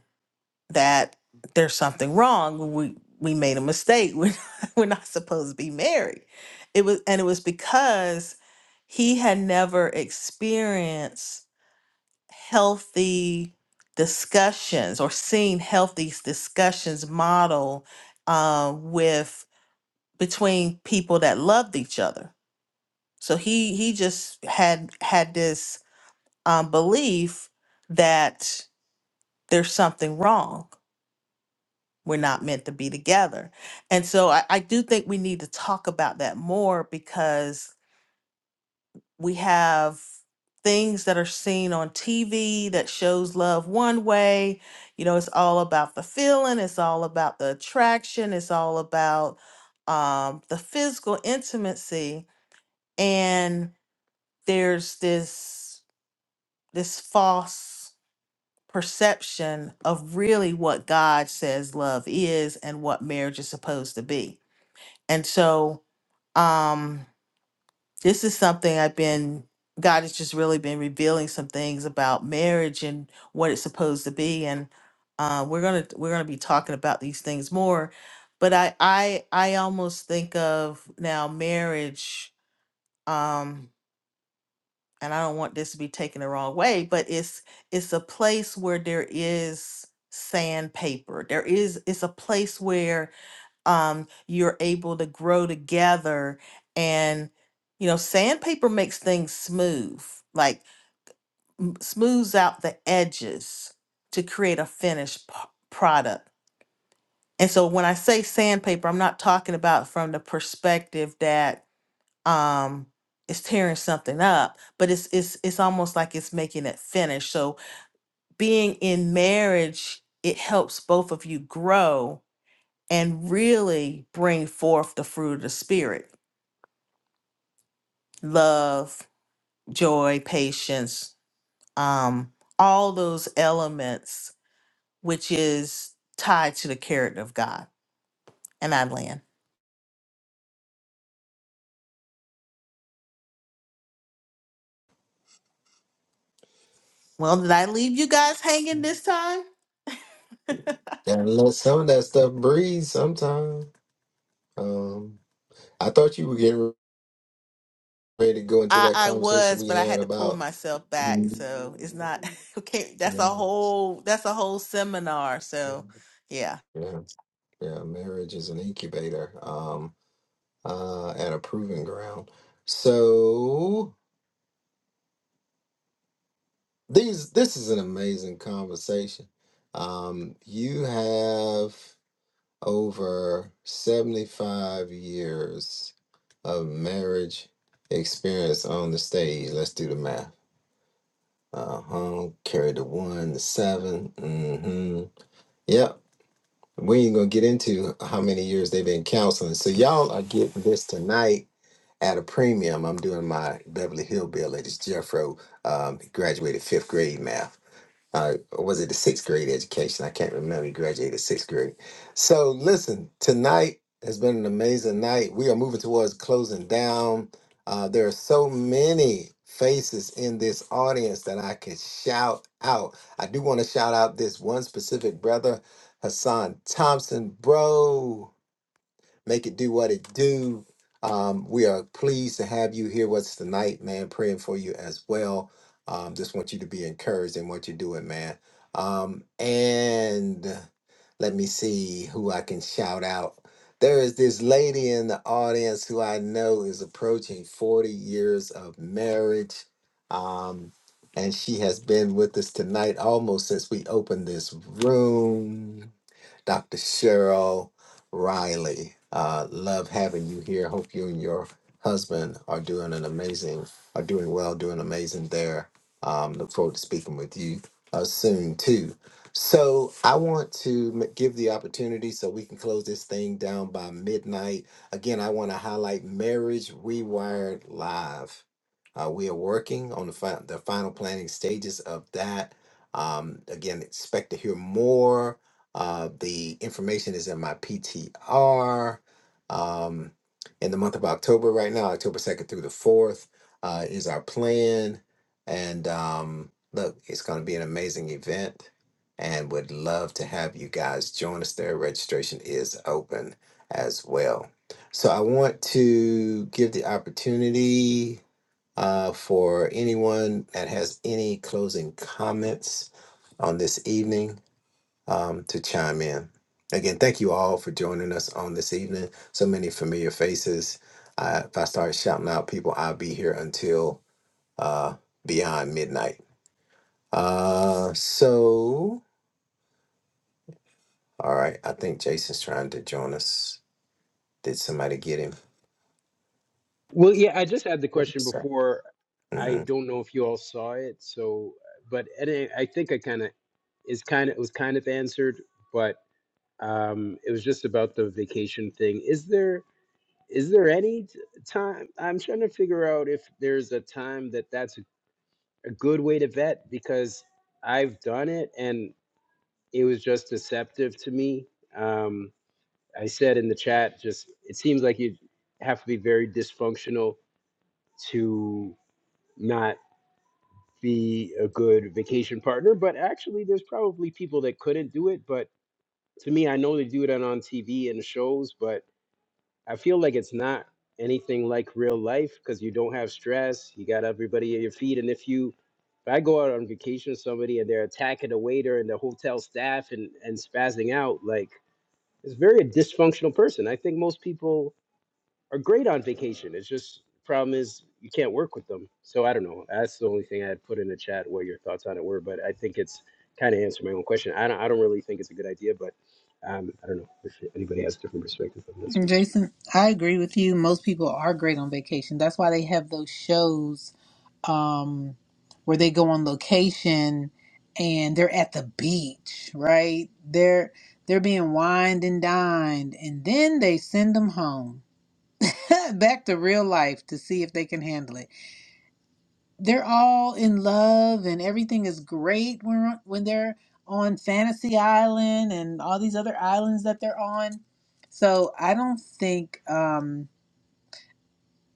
that there's something wrong we we made a mistake we're, we're not supposed to be married it was and it was because he had never experienced healthy discussions or seen healthy discussions model uh, with between people that loved each other So he he just had had this um, belief that there's something wrong. We're not meant to be together. And so I, I do think we need to talk about that more because we have things that are seen on TV that shows love one way. You know, it's all about the feeling, it's all about the attraction, it's all about um, the physical intimacy. And there's this this false perception of really what God says love is and what marriage is supposed to be. And so um this is something I've been God has just really been revealing some things about marriage and what it's supposed to be and uh we're going to we're going to be talking about these things more but I I I almost think of now marriage um and I don't want this to be taken the wrong way, but it's it's a place where there is sandpaper. There is it's a place where um you're able to grow together and you know sandpaper makes things smooth, like m- smooths out the edges to create a finished p- product. And so when I say sandpaper, I'm not talking about from the perspective that um it's tearing something up but it's it's it's almost like it's making it finish so being in marriage it helps both of you grow and really bring forth the fruit of the spirit love joy patience um all those elements which is tied to the character of god and i land well did i leave you guys hanging this time
Gotta let some of that stuff breathe sometime. Um, I thought you were getting ready to go into
I,
that
I
conversation
was,
we
but I
had
had to pull
about
myself back. So it's not
Mm,
okay. That's
yeah,
a whole that's a whole seminar.
yeah,
So yeah.
yeah, yeah, marriage is an incubator, um, uh, and a proving ground. So these this is an amazing conversation. Um, you have over 75 years of marriage experience on the stage. Let's do the math. Uh huh. Carry the one, the seven. Mm hmm. Yep. We ain't gonna get into how many years they've been counseling. So y'all are getting this tonight at a premium. I'm doing my Beverly Hillbillies. Jeffro um, graduated fifth grade math uh, or was it the sixth grade education? I can't remember. He graduated sixth grade. So listen, tonight has been an amazing night. We are moving towards closing down. Uh, there are so many faces in this audience that I could shout out. I do want to shout out this one specific brother, Hassan Thompson, bro. Make it do what it do. Um, we are pleased to have you here with us tonight, man. Praying for you as well. Um, just want you to be encouraged in what you're doing, man. Um, and let me see who I can shout out. There is this lady in the audience who I know is approaching 40 years of marriage. Um, and she has been with us tonight almost since we opened this room. Dr. Cheryl Riley. Uh, love having you here. Hope you and your husband are doing an amazing, are doing well, doing amazing there. Um, look forward to speaking with you uh, soon too. So I want to m- give the opportunity so we can close this thing down by midnight. Again, I want to highlight Marriage Rewired Live. Uh, we are working on the, fi- the final planning stages of that. Um, again, expect to hear more. Uh, the information is in my PTR. Um, in the month of October, right now, October 2nd through the 4th, uh, is our plan. And um, look, it's going to be an amazing event and would love to have you guys join us there. Registration is open as well. So I want to give the opportunity uh, for anyone that has any closing comments on this evening um, to chime in. Again, thank you all for joining us on this evening. So many familiar faces. I, if I start shouting out people, I'll be here until uh, beyond midnight. Uh, so, all right. I think Jason's trying to join us. Did somebody get
Well, yeah, I just had the question
him?
before. I don't know if you all saw it, so but and I I think I kind of is kind of it was kind of answered, but um, it was just about the vacation thing. Is there is there any t- time? I'm trying to figure out if there's a time that that's a, a good way to vet because I've done it and it was just deceptive to me. Um, I said in the chat, just it seems like you have to be very dysfunctional to not be a good vacation partner, but actually, there's probably people that couldn't do it. But to me, I know they do it on on TV and shows, but I feel like it's not anything like real life because you don't have stress. You got everybody at your feet. And if you, if I go out on vacation with somebody and they're attacking the waiter and the hotel staff and, and spazzing out, like, it's very a dysfunctional person. I think most people are great on vacation. It's just problem is you can't work with them. So I don't know. That's the only thing I had put in the chat what your thoughts on it were, but I think it's kind of answered my own question. I don't I don't really think it's a good idea, but um, I don't know if anybody has a different perspective on this.
Jason, I agree with you. Most people are great on vacation. That's why they have those shows um, where they go on location and they're at the beach, right? They're they're being wined and dined, and then they send them home back to real life to see if they can handle it. they're all in love and everything is great when when they're on Fantasy Island and all these other islands that they're on. So I don't think um,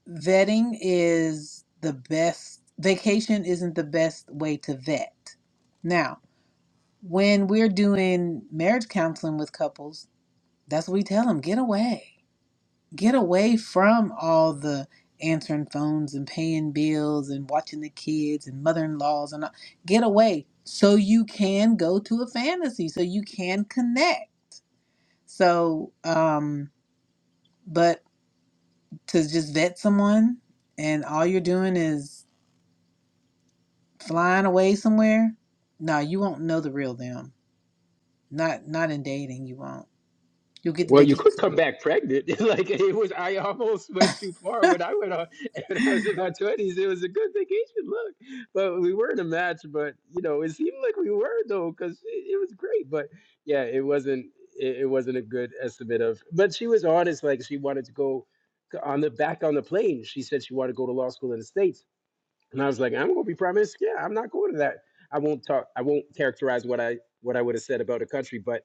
vetting is the best. Vacation isn't the best way to vet. Now, when we're doing marriage counseling with couples, that's what we tell them: get away get away from all the answering phones and paying bills and watching the kids and mother-in-laws and all. get away so you can go to a fantasy so you can connect so um but to just vet someone and all you're doing is flying away somewhere no you won't know the real them not not in dating you won't you'll get the
Well, you could
vacation
come back pregnant. like it was, I almost went too far when I went on. When I was in my twenties, it was a good vacation. Look, but we were in a match. But you know, it seemed like we were though, because it, it was great. But yeah, it wasn't. It, it wasn't a good estimate of. But she was honest. Like she wanted to go c- on the back on the plane. She said she wanted to go to law school in the states, and I was like, I'm gonna be promised. Yeah, I'm not going to that. I won't talk. I won't characterize what I what I would have said about a country, but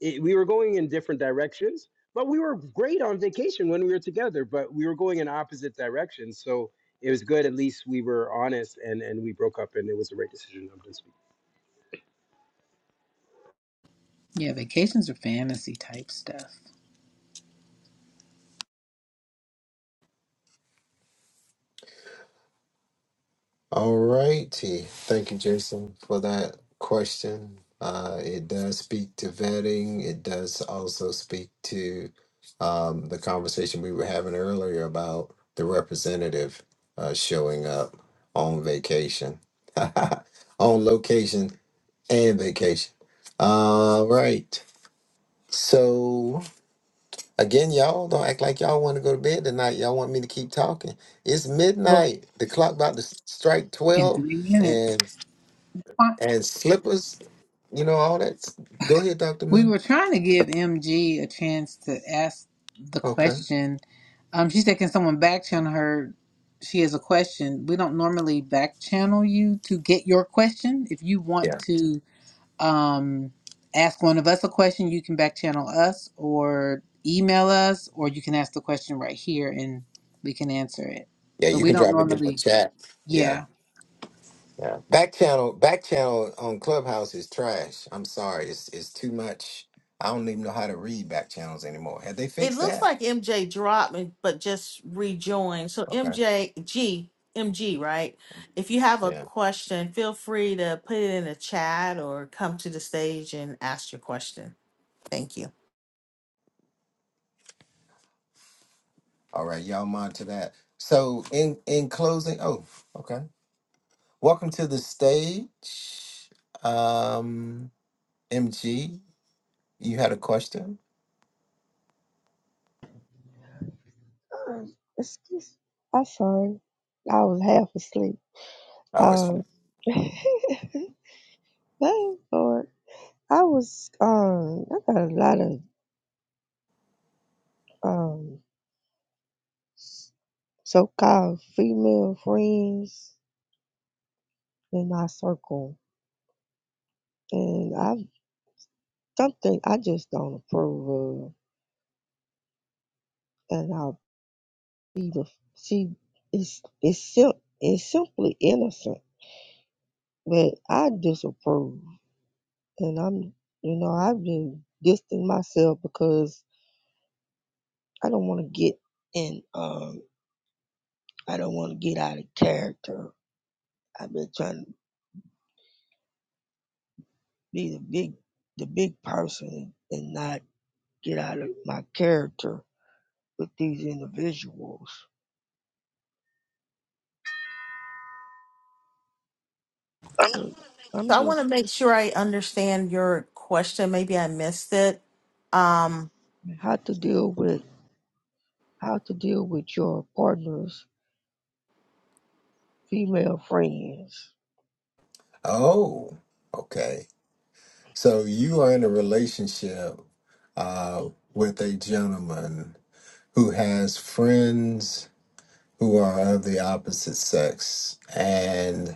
it, we were going in different directions, but we were great on vacation when we were together, but we were going in opposite directions. So it was good. At least we were honest and, and we broke up and it was the right decision. I'm just.
yeah vacations are fantasy type stuff
All righty. Thank you, Jason, for that question. Uh, it does speak to vetting. It does also speak to um, the conversation we were having earlier about the representative uh, showing up on vacation, on location and vacation. All right. So, again, y'all don't act like y'all want to go to bed tonight. Y'all want me to keep talking. It's
well
midnight. The clock about to strike
in
12.
three minutes
And and slippers, you know, all that. s- Go ahead, Dr.
We
Mill.
were trying to give MG a chance to ask the
Okay.
question. Um, she said, "Can someone back channel her?" She has a question. We don't normally back channel you to get your question. If you want
Yeah.
to um, ask one of us a question, you can back channel us or email us, or you can ask the question right here and we can answer it.
Yeah,
But
you
we
can
don't
drop it in the
normally,
chat. Yeah.
yeah.
Yeah. Back channel back channel on Clubhouse is trash. I'm sorry. It's it's too much. I don't even know how to read back channels anymore. Have they
It
fixed
looks
that?
like MJ dropped and- but just rejoined. So
Okay.
MJ G MG, right? If you have a
Yeah.
question, feel free to put it in the chat or come to the stage and ask your question. Thank you.
All right, y'all monitor that. So in in closing, oh, okay. Welcome to the stage. Um MG, you had a question?
Um, excuse I'm sorry. I was half asleep.
Oh, it's
Um,
fine.
thank God. I was, um, I got a lot of, um, so-called female friends in my circle. And I, something I just don't approve of. And I'll be the, she, it's, it's, sim- it's simply innocent, but I disapprove. And I'm, you know, I've been distancing myself because I don't want to get in, um, I don't want to get out of character. I've been trying to be the big, the big person and not get out of my character with these individuals. So
So
I'm
I want to
just
make sure I understand your question. Maybe I missed it. Um,
how to deal with, how to deal with your partner's female friends.
Oh, okay. So you are in a relationship uh, with a gentleman who has friends who are of the opposite sex, and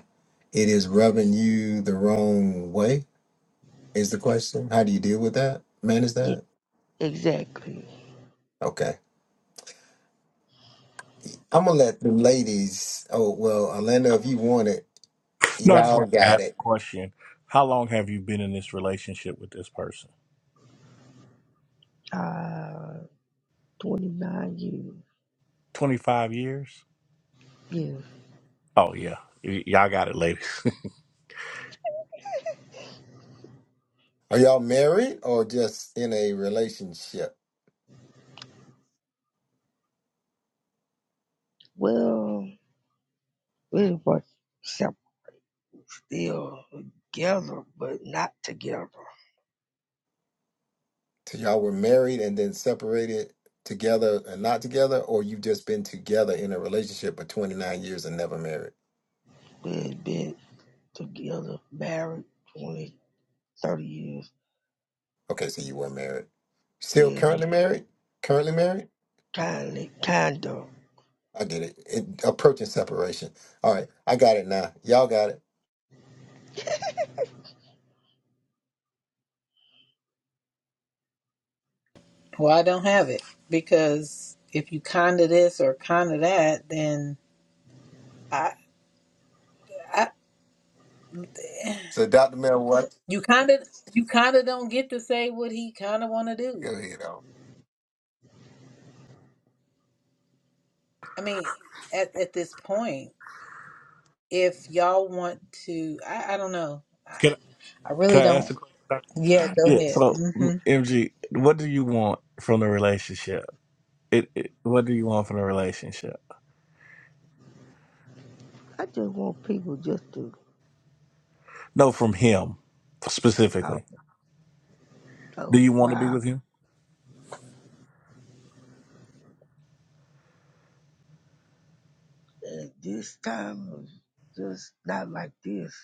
it is rubbing you the wrong way. Is the question? How do you deal with that? Manage
Yeah,
that?
exactly.
Okay. I'm gonna let the ladies. Oh well, Orlando, if you want it,
No, I just
y'all
want to
got
ask
it.
a question. How long have you been in this relationship with this person?
Uh, 29 years.
25 years?
Yeah.
Oh, yeah. Y- y'all got it, ladies.
Are y'all married or just in a relationship?
Well, We were still together, but not together.
So y'all were married and then separated together and not together, or you've just been together in a relationship for 29 years and never married?
We had been together, married 20, 30 years.
Okay, so you were married. Still
Yeah, we
currently married? Currently married?
kindly, kind of.
I get it. it approaching separation. All right, I got it now. Y'all got it.
Well, I don't have it because if you kind of this or kind of that, then. I.
So, Dr. Mel, what?
You kind of you kind of don't get to say what he kind of want to
Go
do.
ahead. Al.
I mean, at at this point, if y'all want to, I, I don't know. I,
can,
I
can
really
I ask a
don't.
question? Doc?
Yeah,
I,
go
Yeah.
ahead.
So, M-
hmm
MG, what do you want from the relationship? It, it What do you want from the relationship?
I just want people just to,
No, from him
I
specifically.
don't
Do
know,
you want to be
wow.
with him?
And this time was just not like this,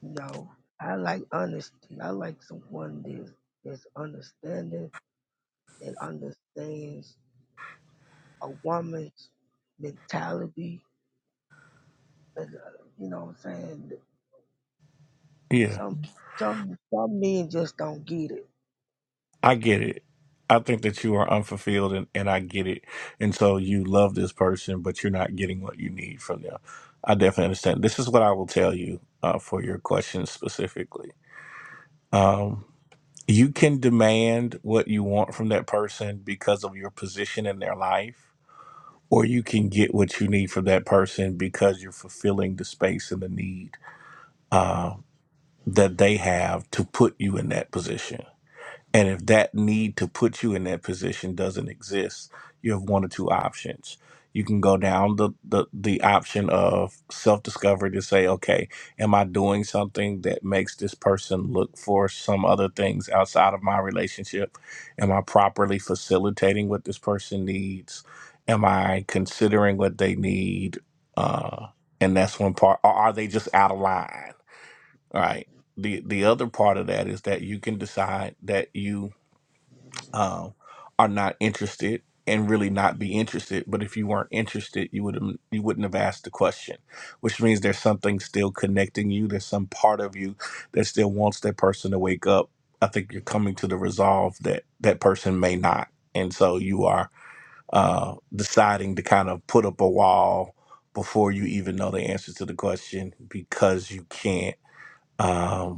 you know. I like honesty. I like someone that is understanding and understands a woman's mentality. And, uh, you know what I'm saying?
Yeah,
Some some some men just don't get it.
I get it. I think that you are unfulfilled and, and I get it. And so you love this person, but you're not getting what you need from them. I definitely understand. This is what I will tell you uh, for your question specifically. Um, you can demand what you want from that person because of your position in their life, or you can get what you need from that person because you're fulfilling the space and the need uh, that they have to put you in that position And if that need to put you in that position doesn't exist, you have one or two options. You can go down the, the, the option of self discovery to say, okay, am I doing something that makes this person look for some other things outside of my relationship? Am I properly facilitating what this person needs? Am I considering what they need? Uh, and that's one part. Or are they just out of line? Right. The, the other part of that is that you can decide that you um, are not interested and really not be interested. But if you weren't interested, you would have you wouldn't have asked the question, which means there's something still connecting you. There's some part of you that still wants that person to wake up. I think you're coming to the resolve that that person may not, and so you are uh, deciding to kind of put up a wall before you even know the answer to the question because you can't. um,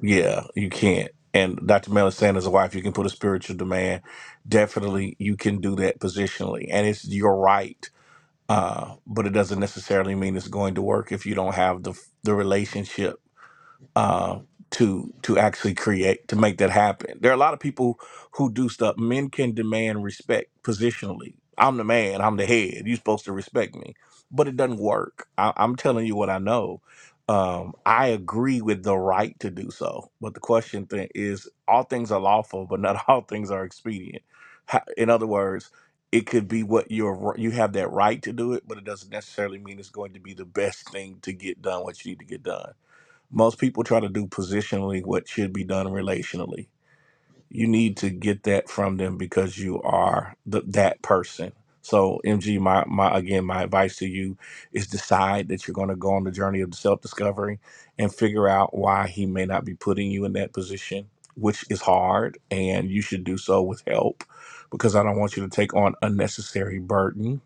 yeah, you can't. And Dr. Mel is saying as a wife, you can put a spiritual demand. Definitely, you can do that positionally, and it's your right. Uh, but it doesn't necessarily mean it's going to work if you don't have the the relationship uh, to to actually create to make that happen. There are a lot of people who do stuff. Men can demand respect positionally. I'm the man. I'm the head. You're supposed to respect me, but it doesn't work. I, I'm telling you what I know. Um, I agree with the right to do so, but the question thing is, all things are lawful, but not all things are expedient. Ha- In other words, it could be what you're you have that right to do it, but it doesn't necessarily mean it's going to be the best thing to get done what you need to get done most people try to do positionally what should be done relationally. You need to get that from them because you are the, that person. So, MG, my, my again, my advice to you is decide that you're going to go on the journey of self discovery and figure out why he may not be putting you in that position, which is hard, and you should do so with help because I don't want you to take on unnecessary burden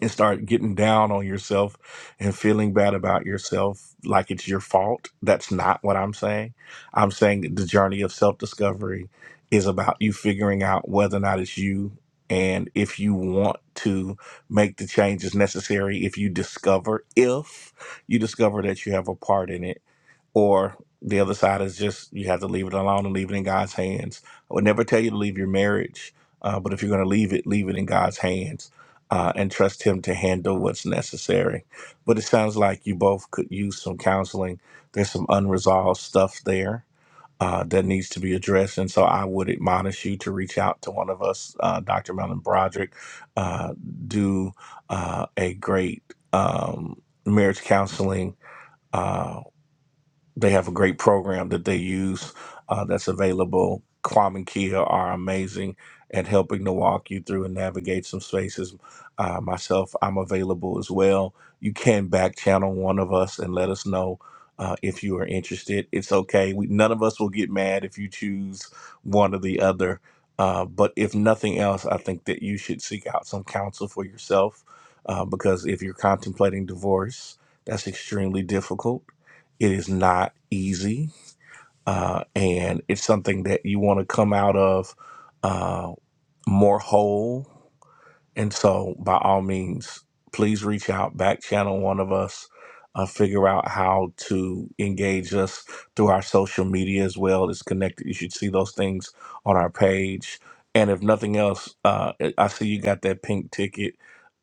and start getting down on yourself and feeling bad about yourself like it's your fault. That's not what I'm saying. I'm saying that the journey of self discovery is about you figuring out whether or not it's you and if you want to make the changes necessary if you discover if you discover that you have a part in it or the other side is just you have to leave it alone and leave it in God's hands. I would never tell you to leave your marriage, uh, but if you're going to leave it, leave it in God's hands uh, and trust Him to handle what's necessary. But it sounds like you both could use some counseling. There's some unresolved stuff there. Uh, that needs to be addressed, and so I would admonish you to reach out to one of us, uh, Dr. Melvin Broderick, uh, do uh, a great um, marriage counseling Uh, they have a great program that they use uh, that's available. Kwame and Kia are amazing at helping to walk you through and navigate some spaces. Uh, myself, I'm available as well. You can back channel one of us and let us know uh, if you are interested. It's okay. We, none of us will get mad if you choose one or the other. Uh, but if nothing else, I think that you should seek out some counsel for yourself uh, because if you're contemplating divorce, that's extremely difficult it is not easy, uh, and it's something that you want to come out of uh, more whole and so, by all means, please reach out, back channel one of us, uh, figure out how to engage us through our social media as well. It's connected. You should see those things on our page. And if nothing else, uh, I I see you got that pink ticket.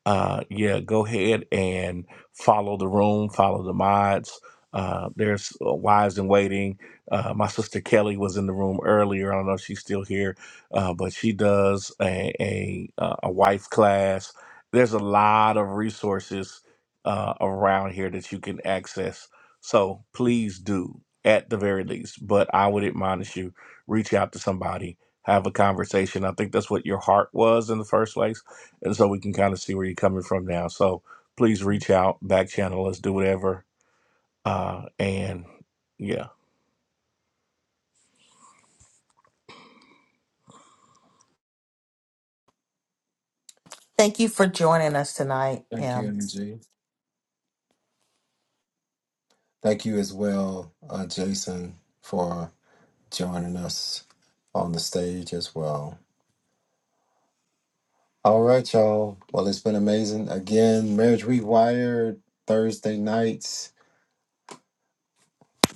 Uh, yeah, go ahead and follow the room, follow the mods. Uh, there's uh, Wives in Waiting. Uh, my sister Kelly was in the room earlier. I don't know if she's still here uh, but she does a a, uh, a wife class. There's a lot of resources uh, around here that you can access. So please do, at the very least. But I would admonish you: reach out to somebody, have a conversation. I think that's what your heart was in the first place, and so we can kind of see where you're coming from now. So please reach out, back channel us, do whatever, uh, and. yeah.
thank you for joining us tonight,
Thank you,
M.
MG. Thank you as well, uh, Jason, for joining us on the stage as well. All right, y'all. Well, it's been amazing. Again, Marriage Rewired Thursday nights.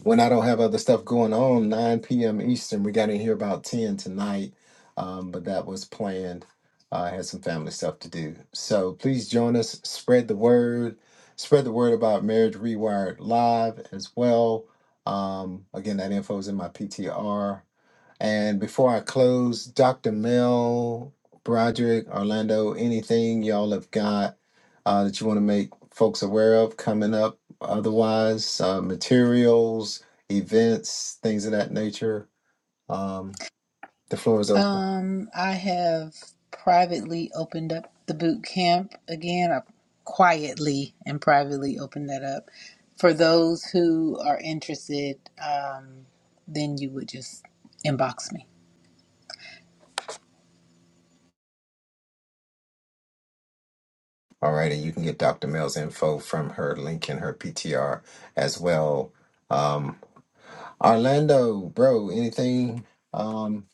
When I don't have other stuff going on, 9 p.m. Eastern. We got in here about 10 tonight, um, but that was planned. Uh, I had some family stuff to do. So please join us. Spread the word. Spread the word about Marriage Rewired Live as well. Um, again, that info is in my PTR. And before I close, Dr. Mel, Broderick, Orlando, anything y'all have got uh, that you want to make folks aware of coming up? Otherwise, uh, materials, events, things of that nature. Um, the floor is open.
Um, I have privately opened up the boot camp again. I quietly and privately opened that up for those who are interested. Um, then you would just inbox me.
All right, and you can get Dr. Mel's info from her link in her PTR as well. Um, Orlando, bro, anything um,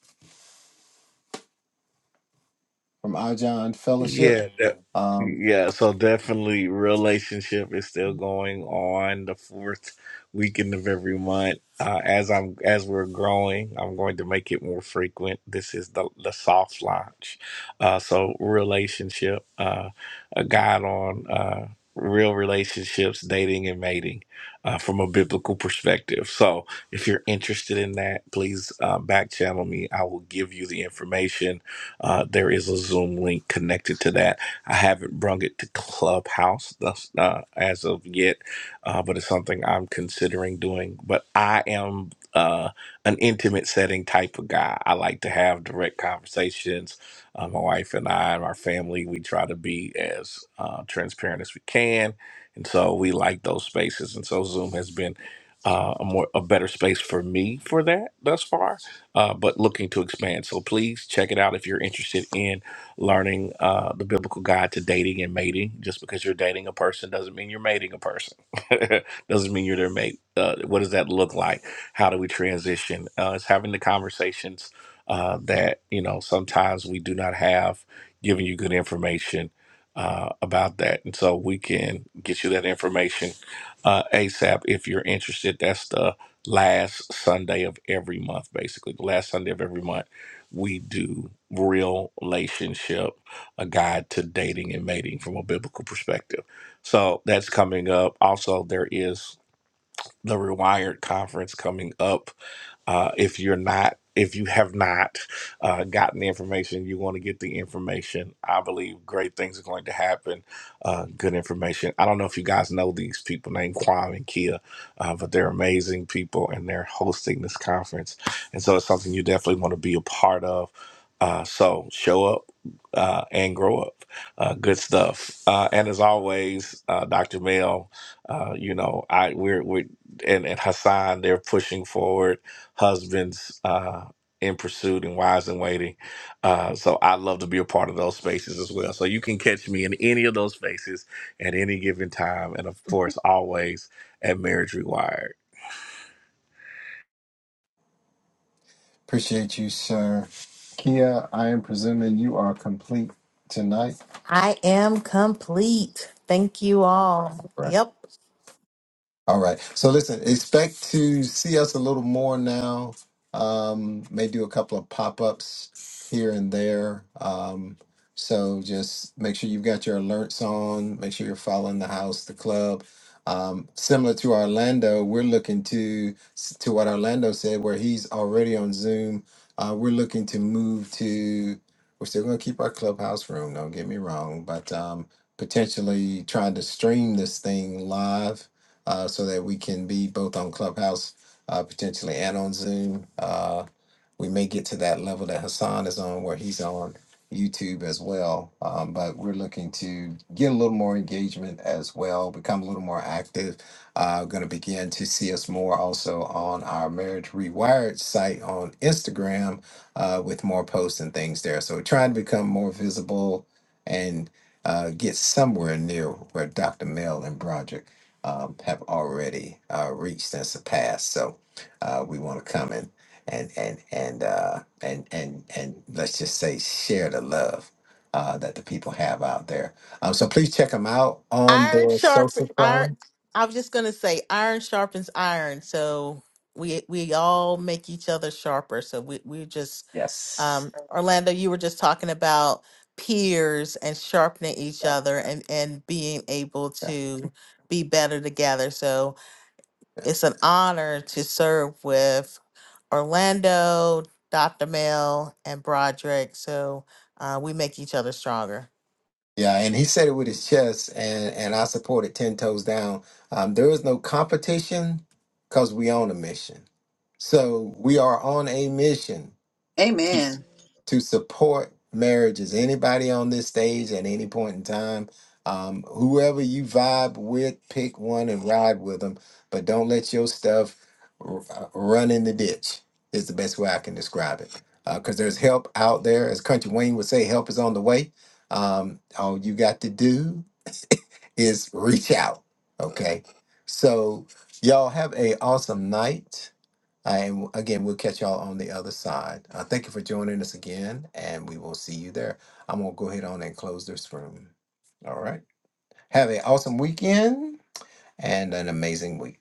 from Our John Fellowship?
Yeah, that, yeah. So definitely, relationship is still going on the fourth weekend of every month. Uh, as I'm as we're growing, I'm going to make it more frequent. This is the the soft launch. Uh, so relationship, uh, a guide on uh, real relationships, dating and mating. Uh, from a biblical perspective. So, if you're interested in that, please uh, back channel me. I will give you the information uh, there is a Zoom link connected to that. I haven't brung it to Clubhouse thus, uh, as of yet, uh, but it's something I'm considering doing. But I am uh, an intimate setting type of guy. I like to have direct conversations. Uh, my wife and I and our family, we try to be as uh, transparent as we can. And so we like those spaces. And so Zoom has been uh, a more a better space for me for that thus far uh, but looking to expand. So please check it out if you're interested in learning uh, the biblical guide to dating and mating. Just because you're dating a person doesn't mean you're mating a person. doesn't mean you're their mate. Uh, what does that look like? How do we transition? Uh, it's having the conversations uh, that you know sometimes we do not have. Giving you good information. Uh, about that, and so we can get you that information uh, ASAP if you're interested. That's the last Sunday of every month, basically. The last Sunday of every month, we do Real Relationship, a guide to dating and mating from a biblical perspective. So that's coming up. Also, there is the Rewired Conference coming up uh, if you're not, if you have not uh, gotten the information, you want to get the information. I believe great things are going to happen. Uh, good information. I don't know if you guys know these people named Kwame and Kia, uh, but they're amazing people and they're hosting this conference. And so it's something you definitely want to be a part of. Uh, so show up uh, and grow up. Uh, good stuff. Uh, and as always, uh, Dr. Mel, uh, you know, I we're we and, and Hassan, they're pushing forward husbands uh, in pursuit and wives in waiting. Uh, so I love to be a part of those spaces as well. So you can catch me in any of those spaces at any given time, and of course, always at Marriage Rewired.
Appreciate you, sir. Kia, I am presuming you are complete tonight.
I am complete. Thank you all. Yep.
All right. So listen, expect to see us a little more now. Um, may do a couple of pop-ups here and there. Um, so just make sure you've got your alerts on. Make sure you're following the house, the club. Um, similar to Orlando, we're looking to to what Orlando said, where he's already on Zoom. Uh, we're looking to move to. We're still going to keep our clubhouse room. Don't get me wrong, but um, potentially trying to stream this thing live uh, so that we can be both on Clubhouse, uh, potentially, and on Zoom. Uh, we may get to that level that Hassan is on, where he's on YouTube as well. Um, but we're looking to get a little more engagement as well, become a little more active. Uh, going to begin to see us more also on our Marriage Rewired site on Instagram uh, with more posts and things there. So we're trying to become more visible and uh, get somewhere near where Dr. Mel and Broderick um, have already uh, reached and surpassed. So uh, we want to come and and and and uh, and and and let's just say share the love uh, that the people have out there. Um, so please check them out on
Iron
their
sharp
social
iron
problems.
I was just gonna say iron sharpens iron. So we we all make each other sharper. So we we just
Yes.
um Orlando, you were just talking about peers and sharpening each other and and being able
Yeah. Yeah.
to be better together. So It's an honor to serve with Orlando, Dr. Mel, and Broderick. So uh, we make each other stronger.
Yeah, and he said it with his chest, and and I supported ten toes down. Um, there is no competition because we on a mission. So we are on a mission
Amen.
to support marriages. Anybody on this stage at any point in time, um, whoever you vibe with, pick one and ride with them. But don't let your stuff r- uh, run in the ditch. Is the best way I can describe it. Because there's help out there, as Country Wayne would say, help is on the way. Um, all you got to do is reach out. Okay, so y'all have a awesome night. And again, we'll catch y'all on the other side. Uh, thank you for joining us again, and we will see you there. I'm going to go ahead on and close this room. All right. Have an awesome weekend and an amazing week.